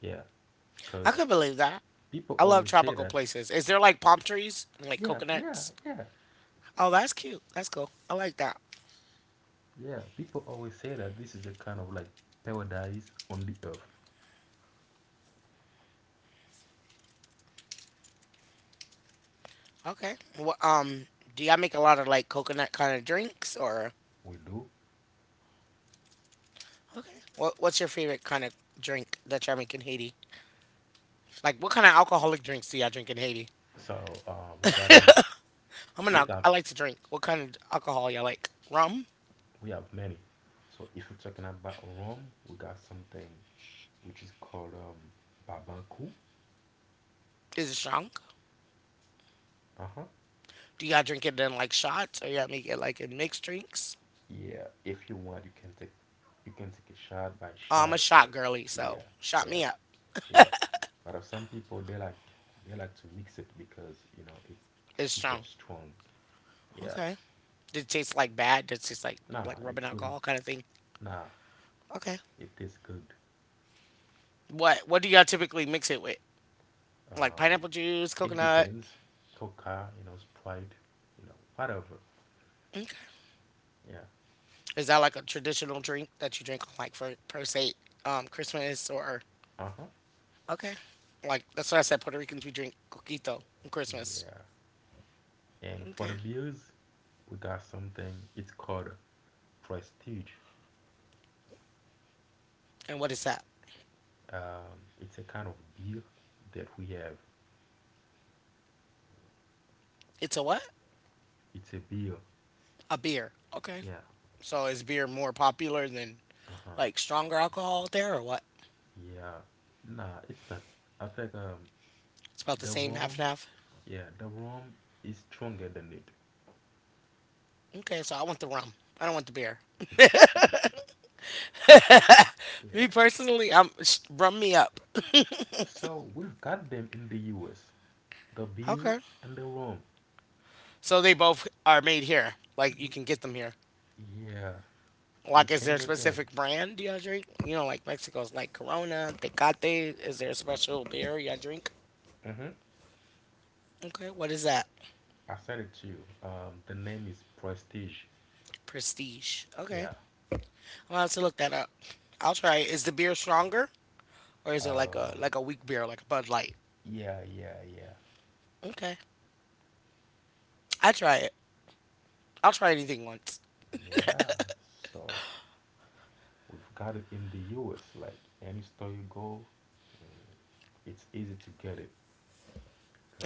B: Yeah, because
A: I could believe that.
B: people
A: I love
B: always say
A: tropical
B: that.
A: places. Is there like palm trees and like
B: Yeah, yeah,
A: coconuts?
B: yeah,
A: Oh, that's cute. That's cool. I like that.
B: yeah. People always say that this is a kind of like paradise on the earth.
A: Okay. Well, do y'all make a lot of like coconut kind of drinks or?
B: We do.
A: Okay. What what's your favorite kind of drink that y'all make in Haiti? Like, what kind of alcoholic drinks do y'all drink in Haiti?
B: So we got we
A: I
B: got
A: like to drink. What kind of alcohol y'all like? Rum?
B: we have many. So if you're talking about rum, we got something which is called babanku.
A: Is it strong?
B: Uh-huh.
A: Do y'all drink it in like shots or y'all make it like in mixed drinks?
B: Yeah. If you want, you can take a shot by
A: Oh, I'm
B: shot
A: a
B: or
A: shot girly, so
B: yeah,
A: shot me
B: yeah,
A: up.
B: yeah. But of some people they like to mix it because you know it's
A: It's
B: super
A: strong.
B: strong. Yeah.
A: Okay. Did it taste like bad? Did it taste like
B: Nah,
A: rubbing
B: it's really
A: alcohol kind of thing?
B: nah,
A: Okay.
B: it tastes good.
A: What do y'all typically mix it with? Like
B: Um,
A: pineapple juice,
B: it
A: coconut.
B: depends. Coca, Sprite, whatever.
A: Okay.
B: Yeah.
A: Is that like a traditional drink that you drink on like for per se Christmas or
B: Uh-huh.
A: Okay. Like that's what I said. Puerto Ricans we drink coquito on Christmas.
B: Yeah. And for the
A: Okay.
B: Bills, we got something. It's called Prestige.
A: And what is that?
B: It's a kind of beer that we have.
A: It's a what?
B: It's a beer.
A: A beer. Okay.
B: Yeah.
A: So is beer more popular than
B: Uh huh.
A: like stronger alcohol out there or what?
B: Yeah. Nah, it's not. I think
A: It's about the
B: the
A: same, half and
B: rum.
A: half.
B: Yeah, the rum is stronger than it.
A: Okay, so I want the rum. I don't want the beer. Me
B: Yeah.
A: personally, I'm rum me up.
B: So we've got them in the U.S. The beer
A: Okay.
B: and the rum.
A: So they both are made here. Like you
B: Ye-
A: can get them here.
B: yeah, you
A: Like is
B: can
A: there a
B: get them.
A: specific brand y'all drink? You know, like Mexico's like Corona, Tecate. Is there a special beer y'all drink?
B: Mm-hmm.
A: Okay, what is that?
B: I said it to you. The name is Prestige.
A: Prestige. Okay.
B: Yeah.
A: I'll have to look that up. I'll try it. Is the beer stronger? Or is it like a
B: Um,
A: like a weak beer, like a Bud Light?
B: yeah, yeah, yeah,
A: Okay. I try it. I'll try anything once.
B: yeah. So we've got it in the US. Like any store you go, mm, it's easy to get it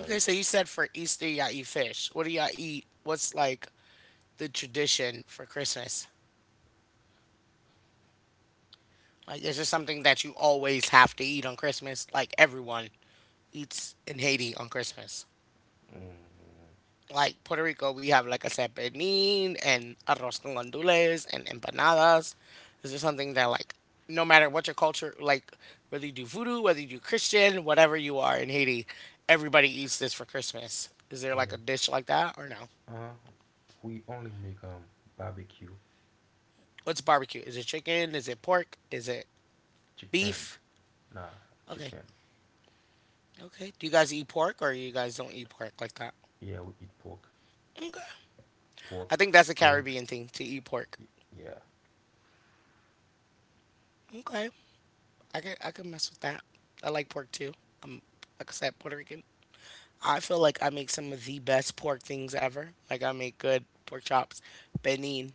A: Okay, so you said for Easter y'all eat fish. What do y'all eat? What's like the tradition for Christmas? Like is there something that you always have to eat on Christmas? Like everyone eats in Haiti on Christmas.
B: mm,
A: Like Puerto Rico, we have like a pernil and arroz con gandules and empanadas. This is something that, like, no matter what your culture, like whether you do voodoo, whether you do Christian, whatever you are in Haiti, everybody eats this for Christmas. Is there like
B: yeah,
A: a dish like that or no?
B: uh, we only make barbecue,
A: What's barbecue? Is it chicken? Is it pork? Is it
B: chicken,
A: beef?
B: nah,
A: Okay.
B: chicken.
A: Okay. Do you guys eat pork or you guys don't eat pork like that?
B: Yeah, we eat pork,
A: I
B: pork,
A: think that's a
B: goat.
A: Caribbean thing to eat pork.
B: y- Yeah,
A: Okay. I could mess with that. I like pork too. I'm, like I said, Puerto Rican. I feel like I make some of the best pork things ever. Like I make good pork chops, benin,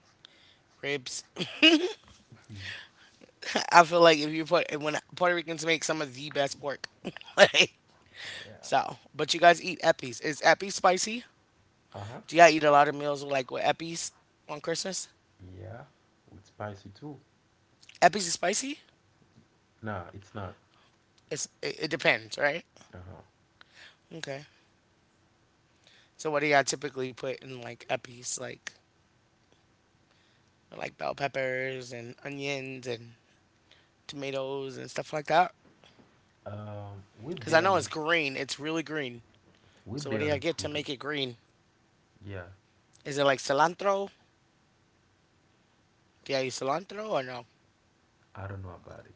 A: ribs. I feel like if you put when Puerto Ricans make some of the best pork. like
B: yeah.
A: so, but you guys eat eppies. Is eppies spicy?
B: Uh huh.
A: Do y'all eat a lot of meals with like with eppies on Christmas?
B: Yeah, with spicy too.
A: Eppies is spicy?
B: Nah, it's not.
A: It depends, right?
B: Uh huh.
A: Okay. So what do y'all typically put in like eppies like bell peppers and onions and tomatoes and stuff like that?
B: Um, we
A: Cuz I know
B: barely
A: it's green. It's really green.
B: we
A: So what do you
B: barely
A: get to
B: put.
A: make it green?
B: Yeah,
A: Is it like cilantro? Do you use cilantro or no?
B: I don't know about it.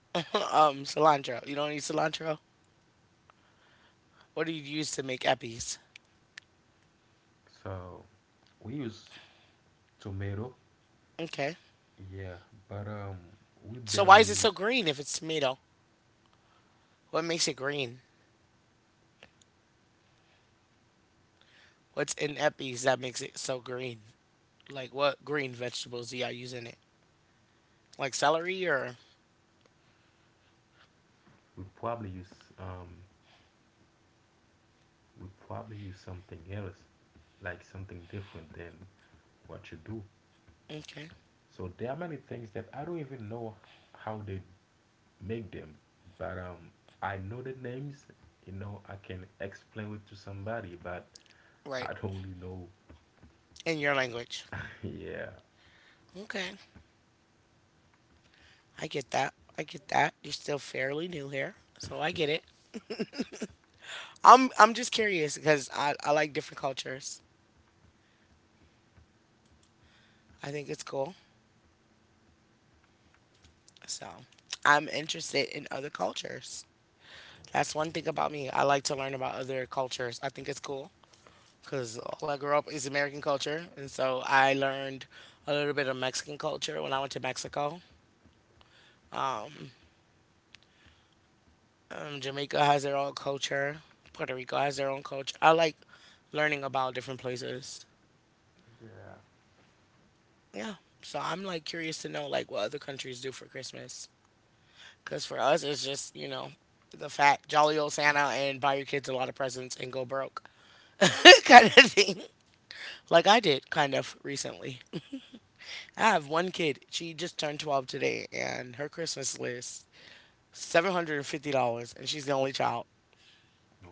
A: cilantro. You don't use cilantro. What do you use to make eppies?
B: So we use tomato.
A: Okay.
B: Yeah, but we
A: So why
B: barely
A: is it so
B: use
A: green if it's tomato? What makes it green? What's in eppies that makes it so green? Like what green vegetables do y'all use in it? Like celery or
B: we probably use um we probably use something else, like something different than what you do.
A: okay,
B: So there are many things that I don't even know how they make them. But I know the names. I can explain it to somebody, but
A: right?
B: I don't really know.
A: In your language.
B: Yeah.
A: Okay, I get that. I get that. You're still fairly new here, so I get it. I'm just curious because I like different cultures. I think it's cool. So I'm interested in other cultures. That's one thing about me. I like to learn about other cultures. I think it's cool because all I grew up is American culture. And so I learned a little bit of Mexican culture when I went to Mexico. Um, Jamaica has their own culture, Puerto Rico has their own culture. I like learning about different places.
B: Yeah.
A: Yeah. So I'm like curious to know like what other countries do for Christmas. Because for us, it's just, you know, the fat jolly old Santa, and buy your kids a lot of presents and go broke. kind of thing. Like I did kind of recently. I have one kid. She just turned 12 today and her Christmas list $750, and she's the only child.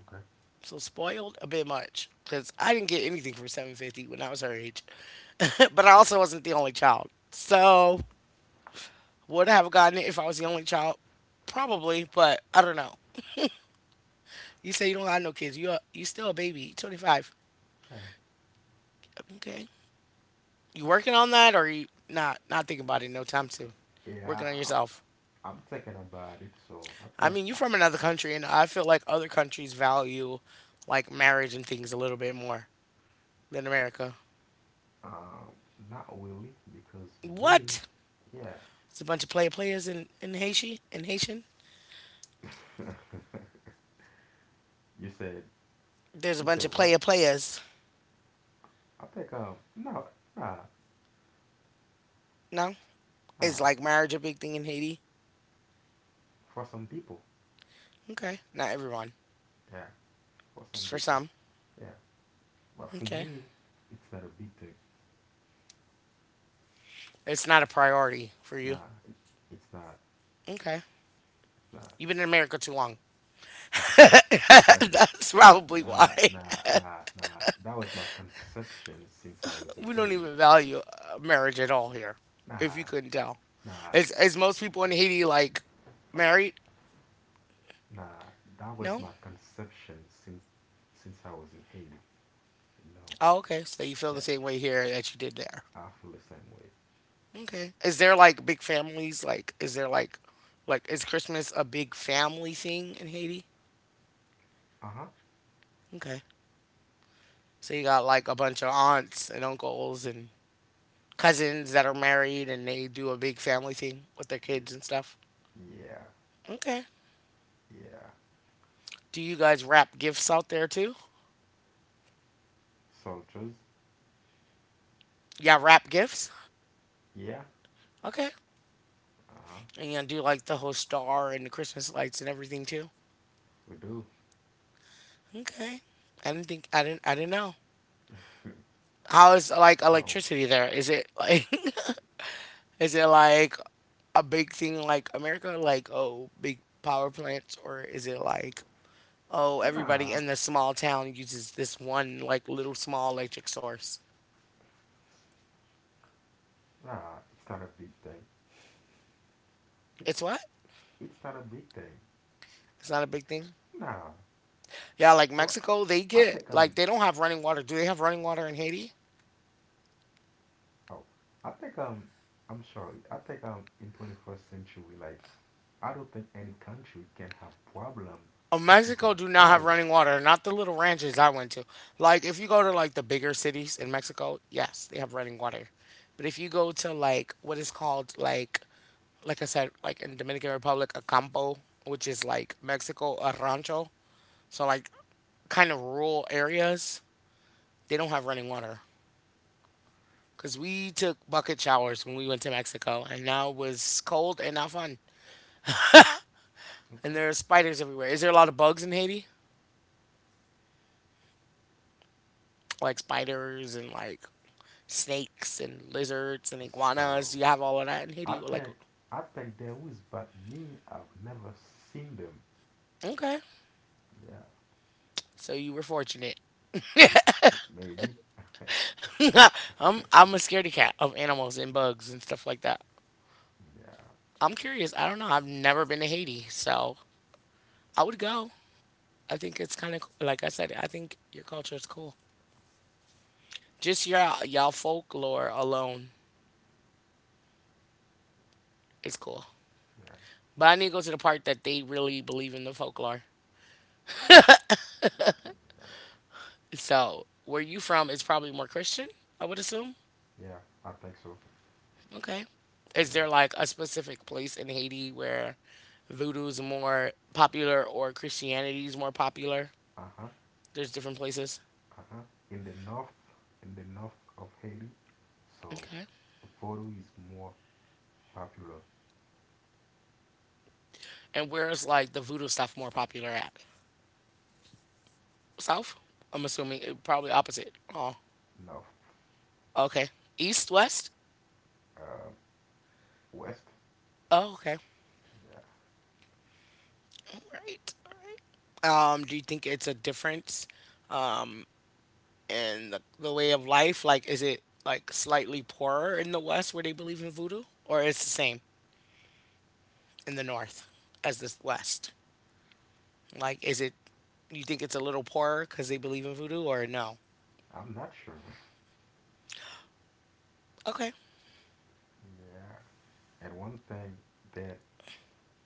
B: Okay.
A: So spoiled a bit much cuz I didn't get anything for 750 when I was her age. but I also wasn't the only child. So would I have gotten it if I was the only child? Probably, but I don't know. You say you don't have no kids. You still a baby, 25.
B: Yeah.
A: Okay. You working on that or you not thinking about it, no time to working
B: Yeah,
A: on yourself.
B: I'm thinking about it, so I
A: I
B: think
A: mean, you're
B: I,
A: from another country, and I feel like other countries value like marriage and things a little bit more than America.
B: um not really because me,
A: What?
B: yeah.
A: It's a bunch of players in Haiti. In Haitian,
B: You said
A: there's a
B: you
A: bunch of
B: said what?
A: players.
B: I think no. Nah,
A: No, is
B: nah,
A: like marriage a big thing in Haiti?
B: for some people.
A: Okay, not everyone,
B: Yeah, for some
A: just for
B: people.
A: some.
B: Yeah. But for
A: Okay,
B: me, it's not a big thing.
A: it's not a priority for you.
B: Nah, it's not.
A: Okay,
B: It's not.
A: you've been in America too long.
B: But
A: That's probably why.
B: nah, nah, nah, nah. That was my conception since I was in
A: We don't
B: Haiti.
A: even value marriage at all here. If
B: Nah,
A: you couldn't tell.
B: nah.
A: Is most people in Haiti like married?
B: Nah, that was
A: No.
B: my conception since I was in Haiti. You know,
A: Oh, okay. So you feel the
B: yeah,
A: same way here that you did there.
B: I feel the same way.
A: Okay. Is there like big families? Like, is there like is Christmas a big family thing in Haiti?
B: Uh huh.
A: Okay. So you got like a bunch of aunts and uncles and cousins that are married, and they do a big family thing with their kids and stuff.
B: Yeah,
A: Okay.
B: yeah.
A: Do you guys wrap gifts out there too?
B: Soldiers.
A: Yeah, wrap gifts.
B: Yeah,
A: Okay.
B: uh huh.
A: And you do like the whole star and the Christmas lights and everything too.
B: We do.
A: Okay. I didn't think I didn't know. How is like
B: So
A: electricity there? Is it like is it like a big thing like America? Like, oh, big power plants, or is it like, oh, everybody
B: nah,
A: in the small town uses this one like little small electric source?
B: nah. It's not a big thing. It's
A: It's what?
B: it's not a big thing.
A: It's not a big thing?
B: Nah.
A: Yeah, like
B: So
A: Mexico, they
B: I
A: get
B: think
A: like they don't have running water. Do they have running water in Haiti?
B: oh I think I'm sorry. I think in 21st century, like I don't think any country can have problem
A: Oh,
B: to
A: Mexico
B: have
A: do not have
B: power.
A: running water. Not the little ranches I went to. Like if you go to like the bigger cities in Mexico, yes, they have running water. But if you go to like what is called like I said, like in Dominican Republic a campo, which is like Mexico a rancho, so like kind of rural areas, they don't have running water. Cause we took bucket showers when we went to Mexico, and now it was cold and not fun. And
B: Okay.
A: there are spiders everywhere. Is there a lot of bugs in Haiti? Like spiders and like snakes and lizards and iguanas.
B: So
A: You have all of that in
B: I
A: Haiti. We're like,
B: think I think there is, but me, I've never seen them.
A: okay,
B: Yeah,
A: so you were fortunate.
B: maybe.
A: I'm a scaredy cat of animals and bugs and stuff like that.
B: Yeah,
A: I'm curious. I don't know. I've never been to Haiti, so I would go. I think it's kind of like I said. I think your culture is cool. Just your y'all folklore alone is cool.
B: yeah,
A: But I need to go to the part that they really believe in the folklore.
B: yeah,
A: So where you from is probably more Christian. I would assume.
B: yeah. I think so.
A: Okay. Is
B: Yeah.
A: there like a specific place in Haiti where voodoo is more popular or Christianity is more popular?
B: Uh huh.
A: There's different places.
B: Uh huh. In the north, of Haiti, so
A: Okay.
B: Vodou is more popular.
A: And where is like the voodoo stuff more popular at? South? I'm assuming it, probably opposite. Oh,
B: North.
A: okay. East, west?
B: Uh, west.
A: Oh, okay.
B: Yeah.
A: All right. All right. Do you think it's a difference in the way of life? Like, is it like slightly poorer in the west where they believe in voodoo, or it's the same in the north as the west? Like, is it you think it's a little poorer because they believe in voodoo or no?
B: I'm not sure.
A: Okay,
B: Yeah. And one thing that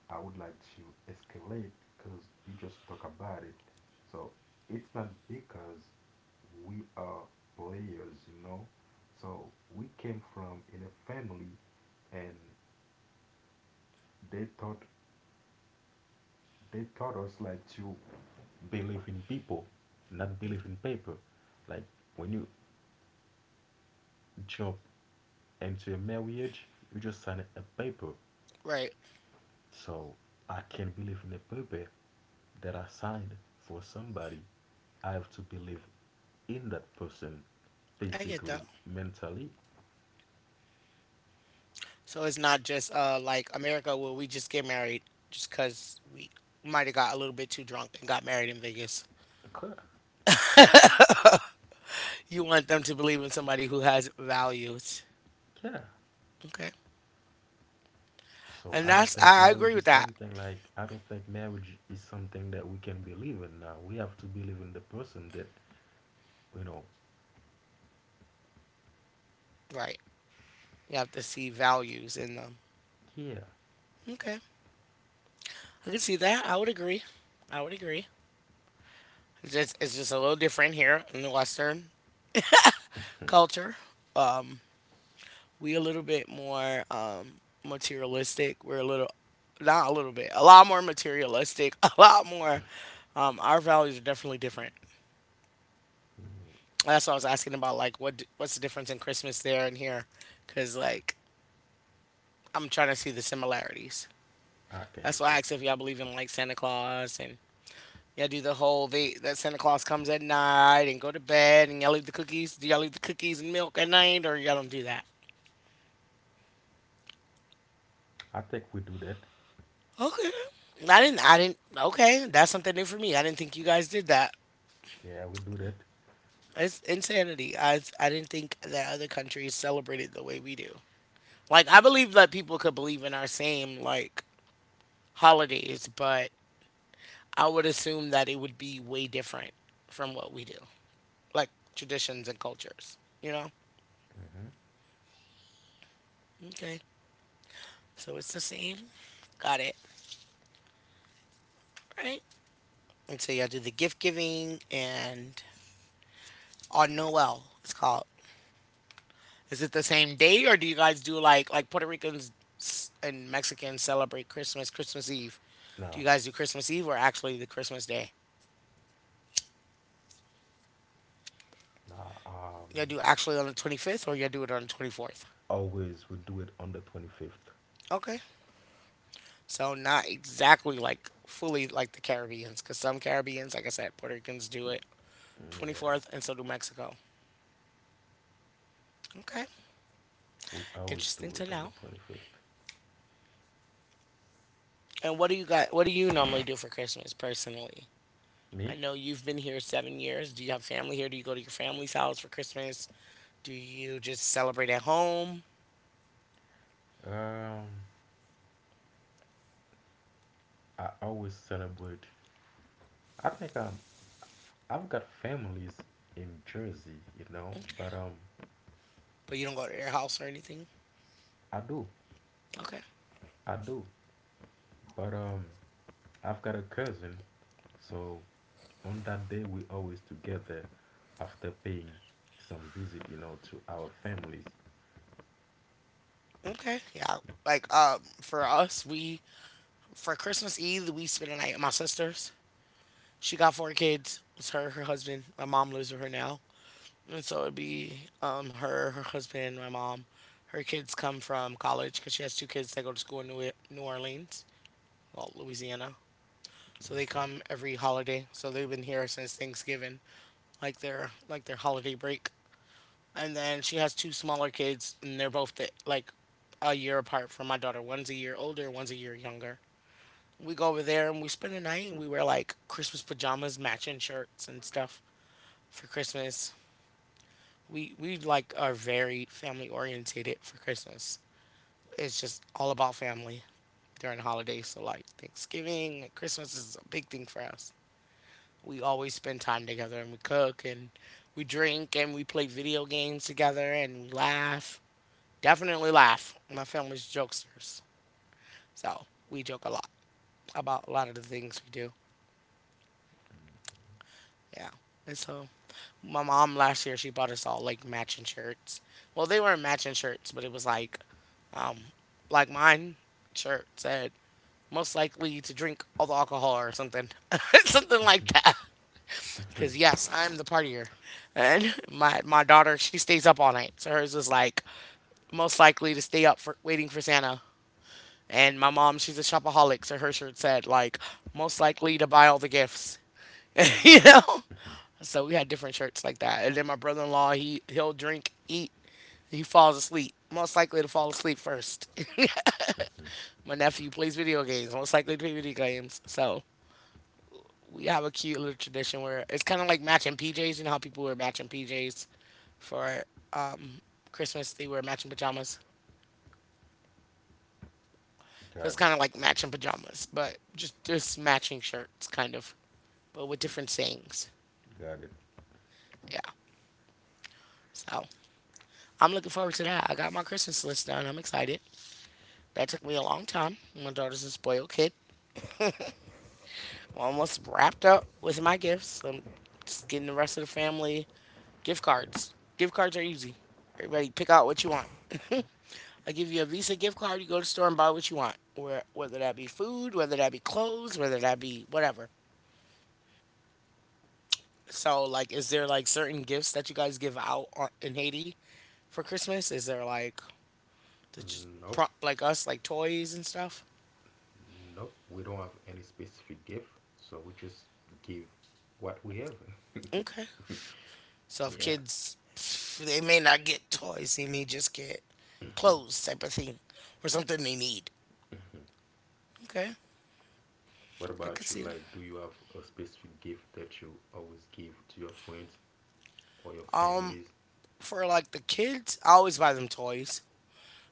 B: I would like to escalate because you just talk about it. So it's not because we are players, you know. So we came from in a family, and they taught they taught us like to believe in people, not believe in paper. Like when you jump into a marriage, you just sign a paper.
A: right.
B: So I can't believe in a paper that I signed for somebody. I have to believe in that person
A: I get that.
B: physically, mentally.
A: So it's not just like America where we just get married just because we might have got a little bit too drunk and got married in Vegas.
B: Okay.
A: you want them to believe in somebody who has values.
B: Yeah.
A: Okay.
B: So
A: And
B: I don't
A: that's,
B: think
A: I
B: marriage
A: agree
B: is
A: with that.
B: something like I don't think marriage is something that we can believe in now. We have to believe in the person that you know.
A: Right. You have to see values in them.
B: Yeah,
A: Okay. I can see that. I would agree. I would agree. It's just a little different here in the Western culture. Um, we a little bit more materialistic. We're a little not a little bit, a lot more materialistic, a lot more our values are definitely different.
B: mm,
A: That's why I was asking about like what's the difference in Christmas there and here cuz like I'm trying to see the similarities.
B: I can
A: That's
B: say.
A: why I asked if y'all believe in like Santa Claus, and y'all do the whole they that Santa Claus comes at night and go to bed and y'all leave the cookies. Do y'all leave the cookies and milk at night or y'all don't do that?
B: I think we do that.
A: Okay. I didn't. I didn't. Okay, that's something new for me. I didn't think you guys did that.
B: Yeah, we do that.
A: It's insanity. I didn't think that other countries celebrated the way we do. Like I believe that people could believe in our same like holidays, but I would assume that it would be way different from what we do, like traditions and cultures. You know?
B: Mm-hmm.
A: Okay. So it's the same. Got it. Right. And so yeah, do the gift giving and on Noel. It's called. Is it the same day, or do you guys do like Puerto Ricans and Mexicans celebrate Christmas, Christmas Eve? Do
B: Now,
A: you guys do Christmas Eve or actually the Christmas day?
B: now,
A: You do actually on the 25th, or you do it on the 24th?
B: always we do it on the 25th.
A: Okay. So not exactly like fully like the Caribbeans, because some Caribbeans, like I said, Puerto Ricans do it
B: Yeah,
A: 24th, and so do Mexico. Okay.
B: we always do
A: Interesting to
B: it on the
A: know.
B: 25th.
A: And what do you got? What do you normally do for Christmas personally?
B: Me?
A: I know you've been here 7 years. Do you have family here? Do you go to your family's house for Christmas? Do you just celebrate at home?
B: Um, I always celebrate. I think I've got families in Jersey,
A: Okay.
B: but
A: But you don't go to their house or anything?
B: I do,
A: Okay.
B: I do. But I've got a cousin, so on that day we always together after paying some visit, to our families.
A: Okay, yeah. Like for us, we for Christmas Eve we spent a night at my sister's. She got four kids. It's her, her husband. My mom lives with her now. And so it'd be her, her husband, my mom. Her kids come from college because she has two kids that go to school in New Orleans, well, Louisiana. So they
B: Okay.
A: come every holiday. So they've been here since Thanksgiving, like their holiday break. And then she has two smaller kids, and they're both the, like a year apart from my daughter. One's a year older, one's a year younger. We go over there and we spend the night, and we wear like Christmas pajamas, matching shirts, and stuff for Christmas. We like are very family orientated for Christmas. It's just all about family during the holidays. So like Thanksgiving, and Christmas is a big thing for us. We always spend time together, and we cook, and we drink, and we play video games together, and we laugh, definitely laugh. My family's jokesters, so we joke a lot about a lot of the things we do. Yeah, and so my mom last year she bought us all like matching shirts. Well, they weren't matching shirts, but it was um like mine shirt said most likely to drink all the alcohol or something, something like that. Because yes, I'm the partier, and my daughter she stays up all night, so hers was like most likely to stay up for waiting for Santa. And my mom, she's a shopaholic, so her shirt said like most likely to buy all the gifts. You know? So we had different shirts like that. And then my brother in law, he'll drink, eat, he falls asleep. Most likely to fall asleep first.
B: Mhm.
A: My nephew plays video games, most likely to play video games. So we have a cute little tradition where it's kind of like matching PJs. You know how people wear matching PJs for um, Christmas? They wear matching pajamas. So it's
B: Got it,
A: kind of like matching pajamas, but just matching shirts, kind of, but with different things.
B: got it.
A: Yeah. So I'm looking forward to that. I got my Christmas list done. I'm excited. That took me a long time. My daughter's a spoiled kid. I'm almost wrapped up with my gifts. I'm just getting the rest of the family gift cards. Gift cards are easy. Everybody pick out what you want. I give you a Visa gift card. You go to the store and buy what you want. Where, whether that be food, whether that be clothes, whether that be whatever. So like, is there like certain gifts that you guys give out on, in Haiti for Christmas? Is there like to just
B: Nope.
A: prop like us, like toys and stuff.
B: Nope, we don't have any specific gift, so we just give what we have.
A: Okay. So if
B: yeah.
A: kids, they may not get toys, they may just get clothes type of thing or something they need. Okay,
B: What
A: I could
B: about you?
A: see that.
B: Like, do you have a specific gift that you always give to your friends or your
A: Um,
B: families?
A: for like the kids, I always buy them toys.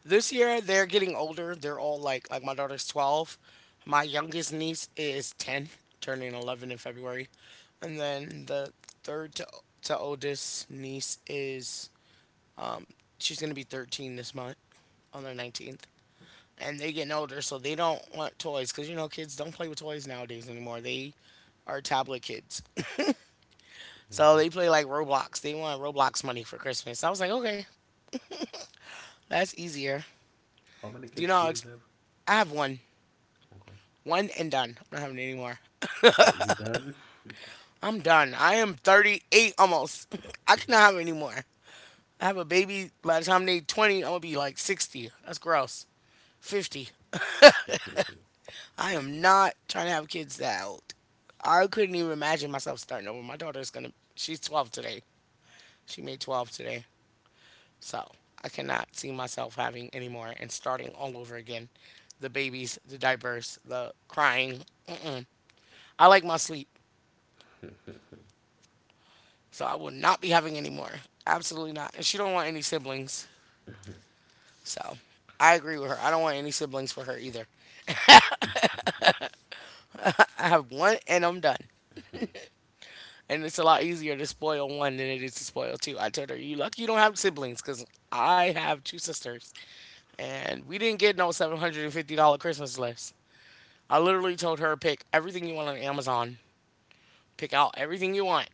A: This year they're getting older. They're all like my daughter's 12, my youngest niece is ten, turning 11 in February, and then the third to oldest niece is she's gonna be 13 this month on the 19th. And they're getting older, so they don't want toys because you know kids don't play with toys nowadays anymore. They are tablet kids, so
B: Hmm.
A: they play like Roblox. They want Roblox money for Christmas. I was like, okay, that's easier.
B: How many
A: Do you
B: kids
A: know
B: do
A: how?
B: you have?
A: I have one,
B: Okay.
A: one and done. I'm not having any more.
B: Oh, you done?
A: I'm done. I am 38 almost. I cannot have any more. I have a baby. By the time they 20, I'm gonna be like 60. That's gross. 50. I am not trying to have kids that old. I couldn't even imagine myself starting over. My daughter's gonna. She's 12 today. She made 12 today. So I cannot see myself having any more and starting all over again. The babies, the diapers, the crying. Mm-mm. I like my sleep. So I will not be having any more. Absolutely not. And she don't want any siblings. So I agree with her. I don't want any siblings for her either. I have one and I'm done. And it's a lot easier to spoil one than it is to spoil two. I told her, you lucky you don't have siblings because I have two sisters. And we didn't get no $750 Christmas list. I literally told her, pick everything you want on Amazon, pick out everything you want,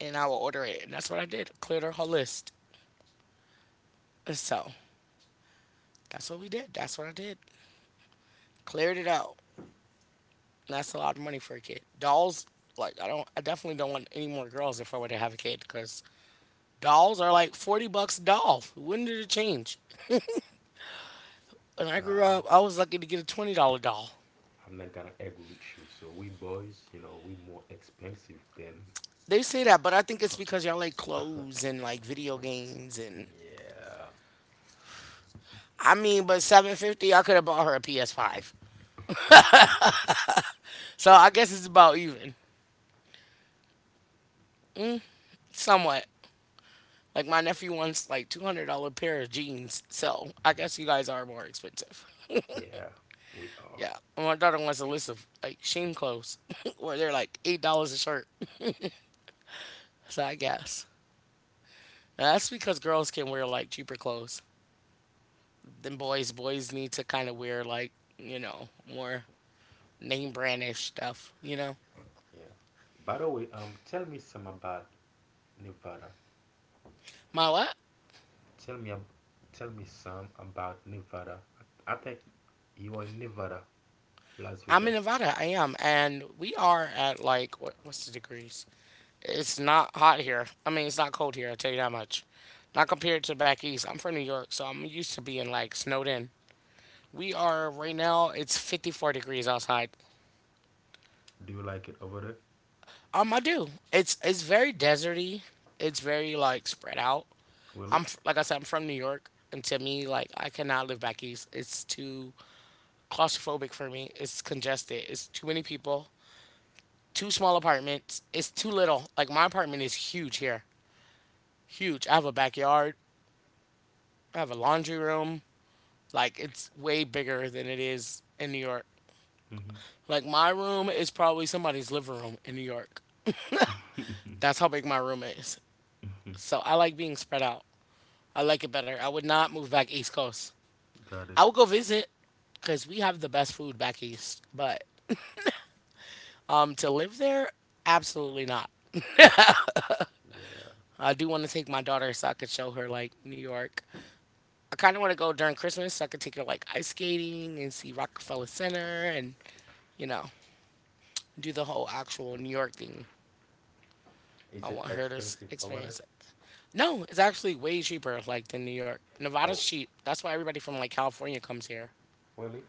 A: and I will order it. And that's what I did. I cleared her whole list. So that's what we did. That's what I did. Cleared it out. And that's a lot of money for a kid. Dolls, like I don't, I definitely don't want any more girls if I were to have a kid because dolls are like 40 bucks a doll. When did it change? When I grew
B: Nah,
A: up, I was lucky to get a $20 doll.
B: I'm not gonna agree with you. So we boys, we more expensive than.
A: They say that, but I think it's because y'all like clothes and like video games and,
B: Yeah,
A: I mean, but 750, I could have bought her a PS five. So I guess it's about even, somewhat. Like my nephew wants like $200 pair of jeans, so I guess you guys are more expensive.
B: yeah, we are.
A: Yeah, and my daughter wants a list of like sheen clothes where they're like $8 a shirt. So I guess that's because girls can wear like cheaper clothes than boys. Boys need to kind of wear like you know more name brandish stuff. You know.
B: Yeah. By the way, tell me some about Nevada.
A: My what?
B: Tell me, ab- tell me some about Nevada. I think you are in Nevada, Las
A: I'm in
B: Vegas.
A: Nevada. I am, and we are at like what, what's the degrees? It's not hot here. I mean, it's not cold here, I'll tell you that much. Not compared to back east. I'm from New York, so I'm used to being like snowed in. We are right now, it's 54 degrees outside.
B: Do you like it over there,
A: I do. It's very deserty. It's very like spread out.
B: Willie?
A: Like I said, I'm from New York, and to me, like I cannot live back east. It's too claustrophobic for me. It's congested. It's too many people. Too small apartments. It's too little. Like my apartment is huge here. Huge. I have a backyard. I have a laundry room. Like it's way bigger than it is in New York.
B: Mm-hmm.
A: Like my room is probably somebody's living room in New York. That's how big my room is. So I like being spread out. I like it better. I would not move back East Coast.
B: Got it.
A: I would go visit because we have the best food back east. But to live there, absolutely not.
B: Yeah.
A: I do want to take my daughter so I could show her like New York. I kind of want to go during Christmas so I could take her like ice skating and see Rockefeller Center and you know do the whole actual New York thing. I
B: Is it
A: want her to
B: expensive over there?
A: experience it. No, it's actually way cheaper like than New York. Nevada's
B: Oh,
A: cheap. That's why everybody from like California comes here.
B: Willie?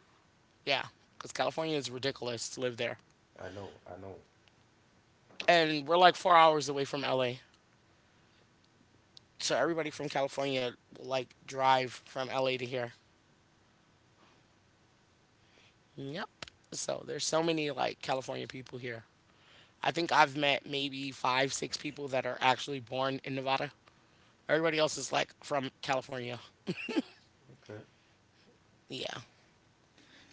A: Yeah, because California is ridiculous to live there,
B: I know, I know.
A: and we're like 4 hours away from LA. So everybody from California will like drive from LA to here. Yep. So there's so many like California people here. I think I've met maybe five, six people that are actually born in Nevada. Everybody else is like from California.
B: Okay.
A: Yeah.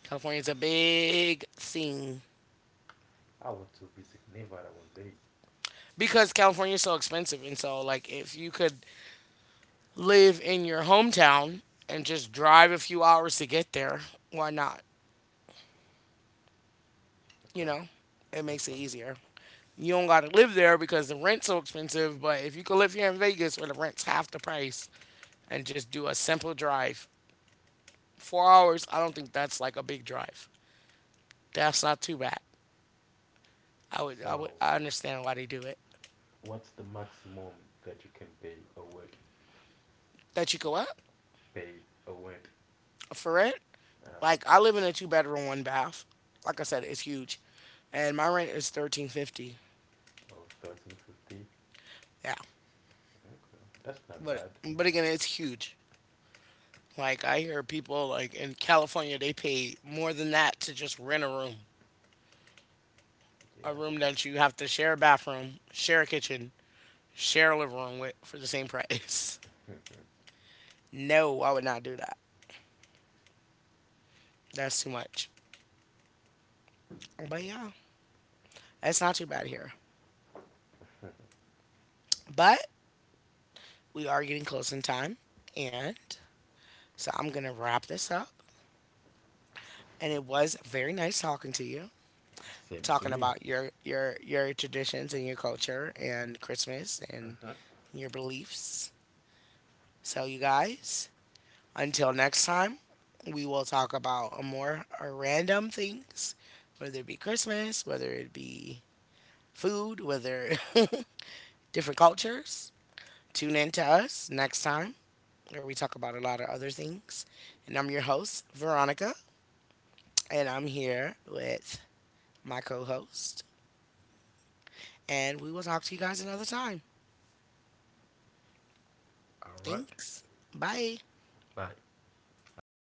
A: California's a big thing.
B: I want to visit Nevada one day.
A: Because California is so expensive. And so, like, if you could live in your hometown and just drive a few hours to get there, why not? You
B: Okay.
A: know, it makes it
B: Okay.
A: easier. You don't got to live there because the rent's so expensive. But if you could live here in Vegas where the rent's half the price and just do a simple drive, 4 hours, I don't think that's like a big drive. That's not too bad. I would,
B: So,
A: I understand why they do it.
B: what's the maximum that you can pay a week?
A: That you go up?
B: Pay a rent?
A: But for rent.
B: Uh,
A: Like I live in a two bedroom, one bath. Like I said, it's huge, and my rent is 1,350.
B: of 1,350.
A: Yeah,
B: Okay. That's not
A: but
B: bad.
A: but again, it's huge. Like I hear people like in California, they pay more than that to just rent a
B: Yeah.
A: room that you have to share a bathroom, share a kitchen, share a living room with for the same price. No, I would not do that. That's too much. But
B: Yeah.
A: yeah, it's not too bad here. But we are getting close in time, and so I'm gonna wrap this up. And it was very nice talking to you,
B: Same to
A: talking
B: me.
A: about your traditions and your culture and Christmas and
B: Uh-huh.
A: your beliefs. So you guys, until next time, we will talk about more random things, whether it be Christmas, whether it be food, whether different cultures. Tune in to us next time where we talk about a lot of other things. And I'm your host, Veronica, and I'm here with my co host, and we will talk to you guys another time.
B: All right.
A: Thanks. Bye.
B: Bye. Have a good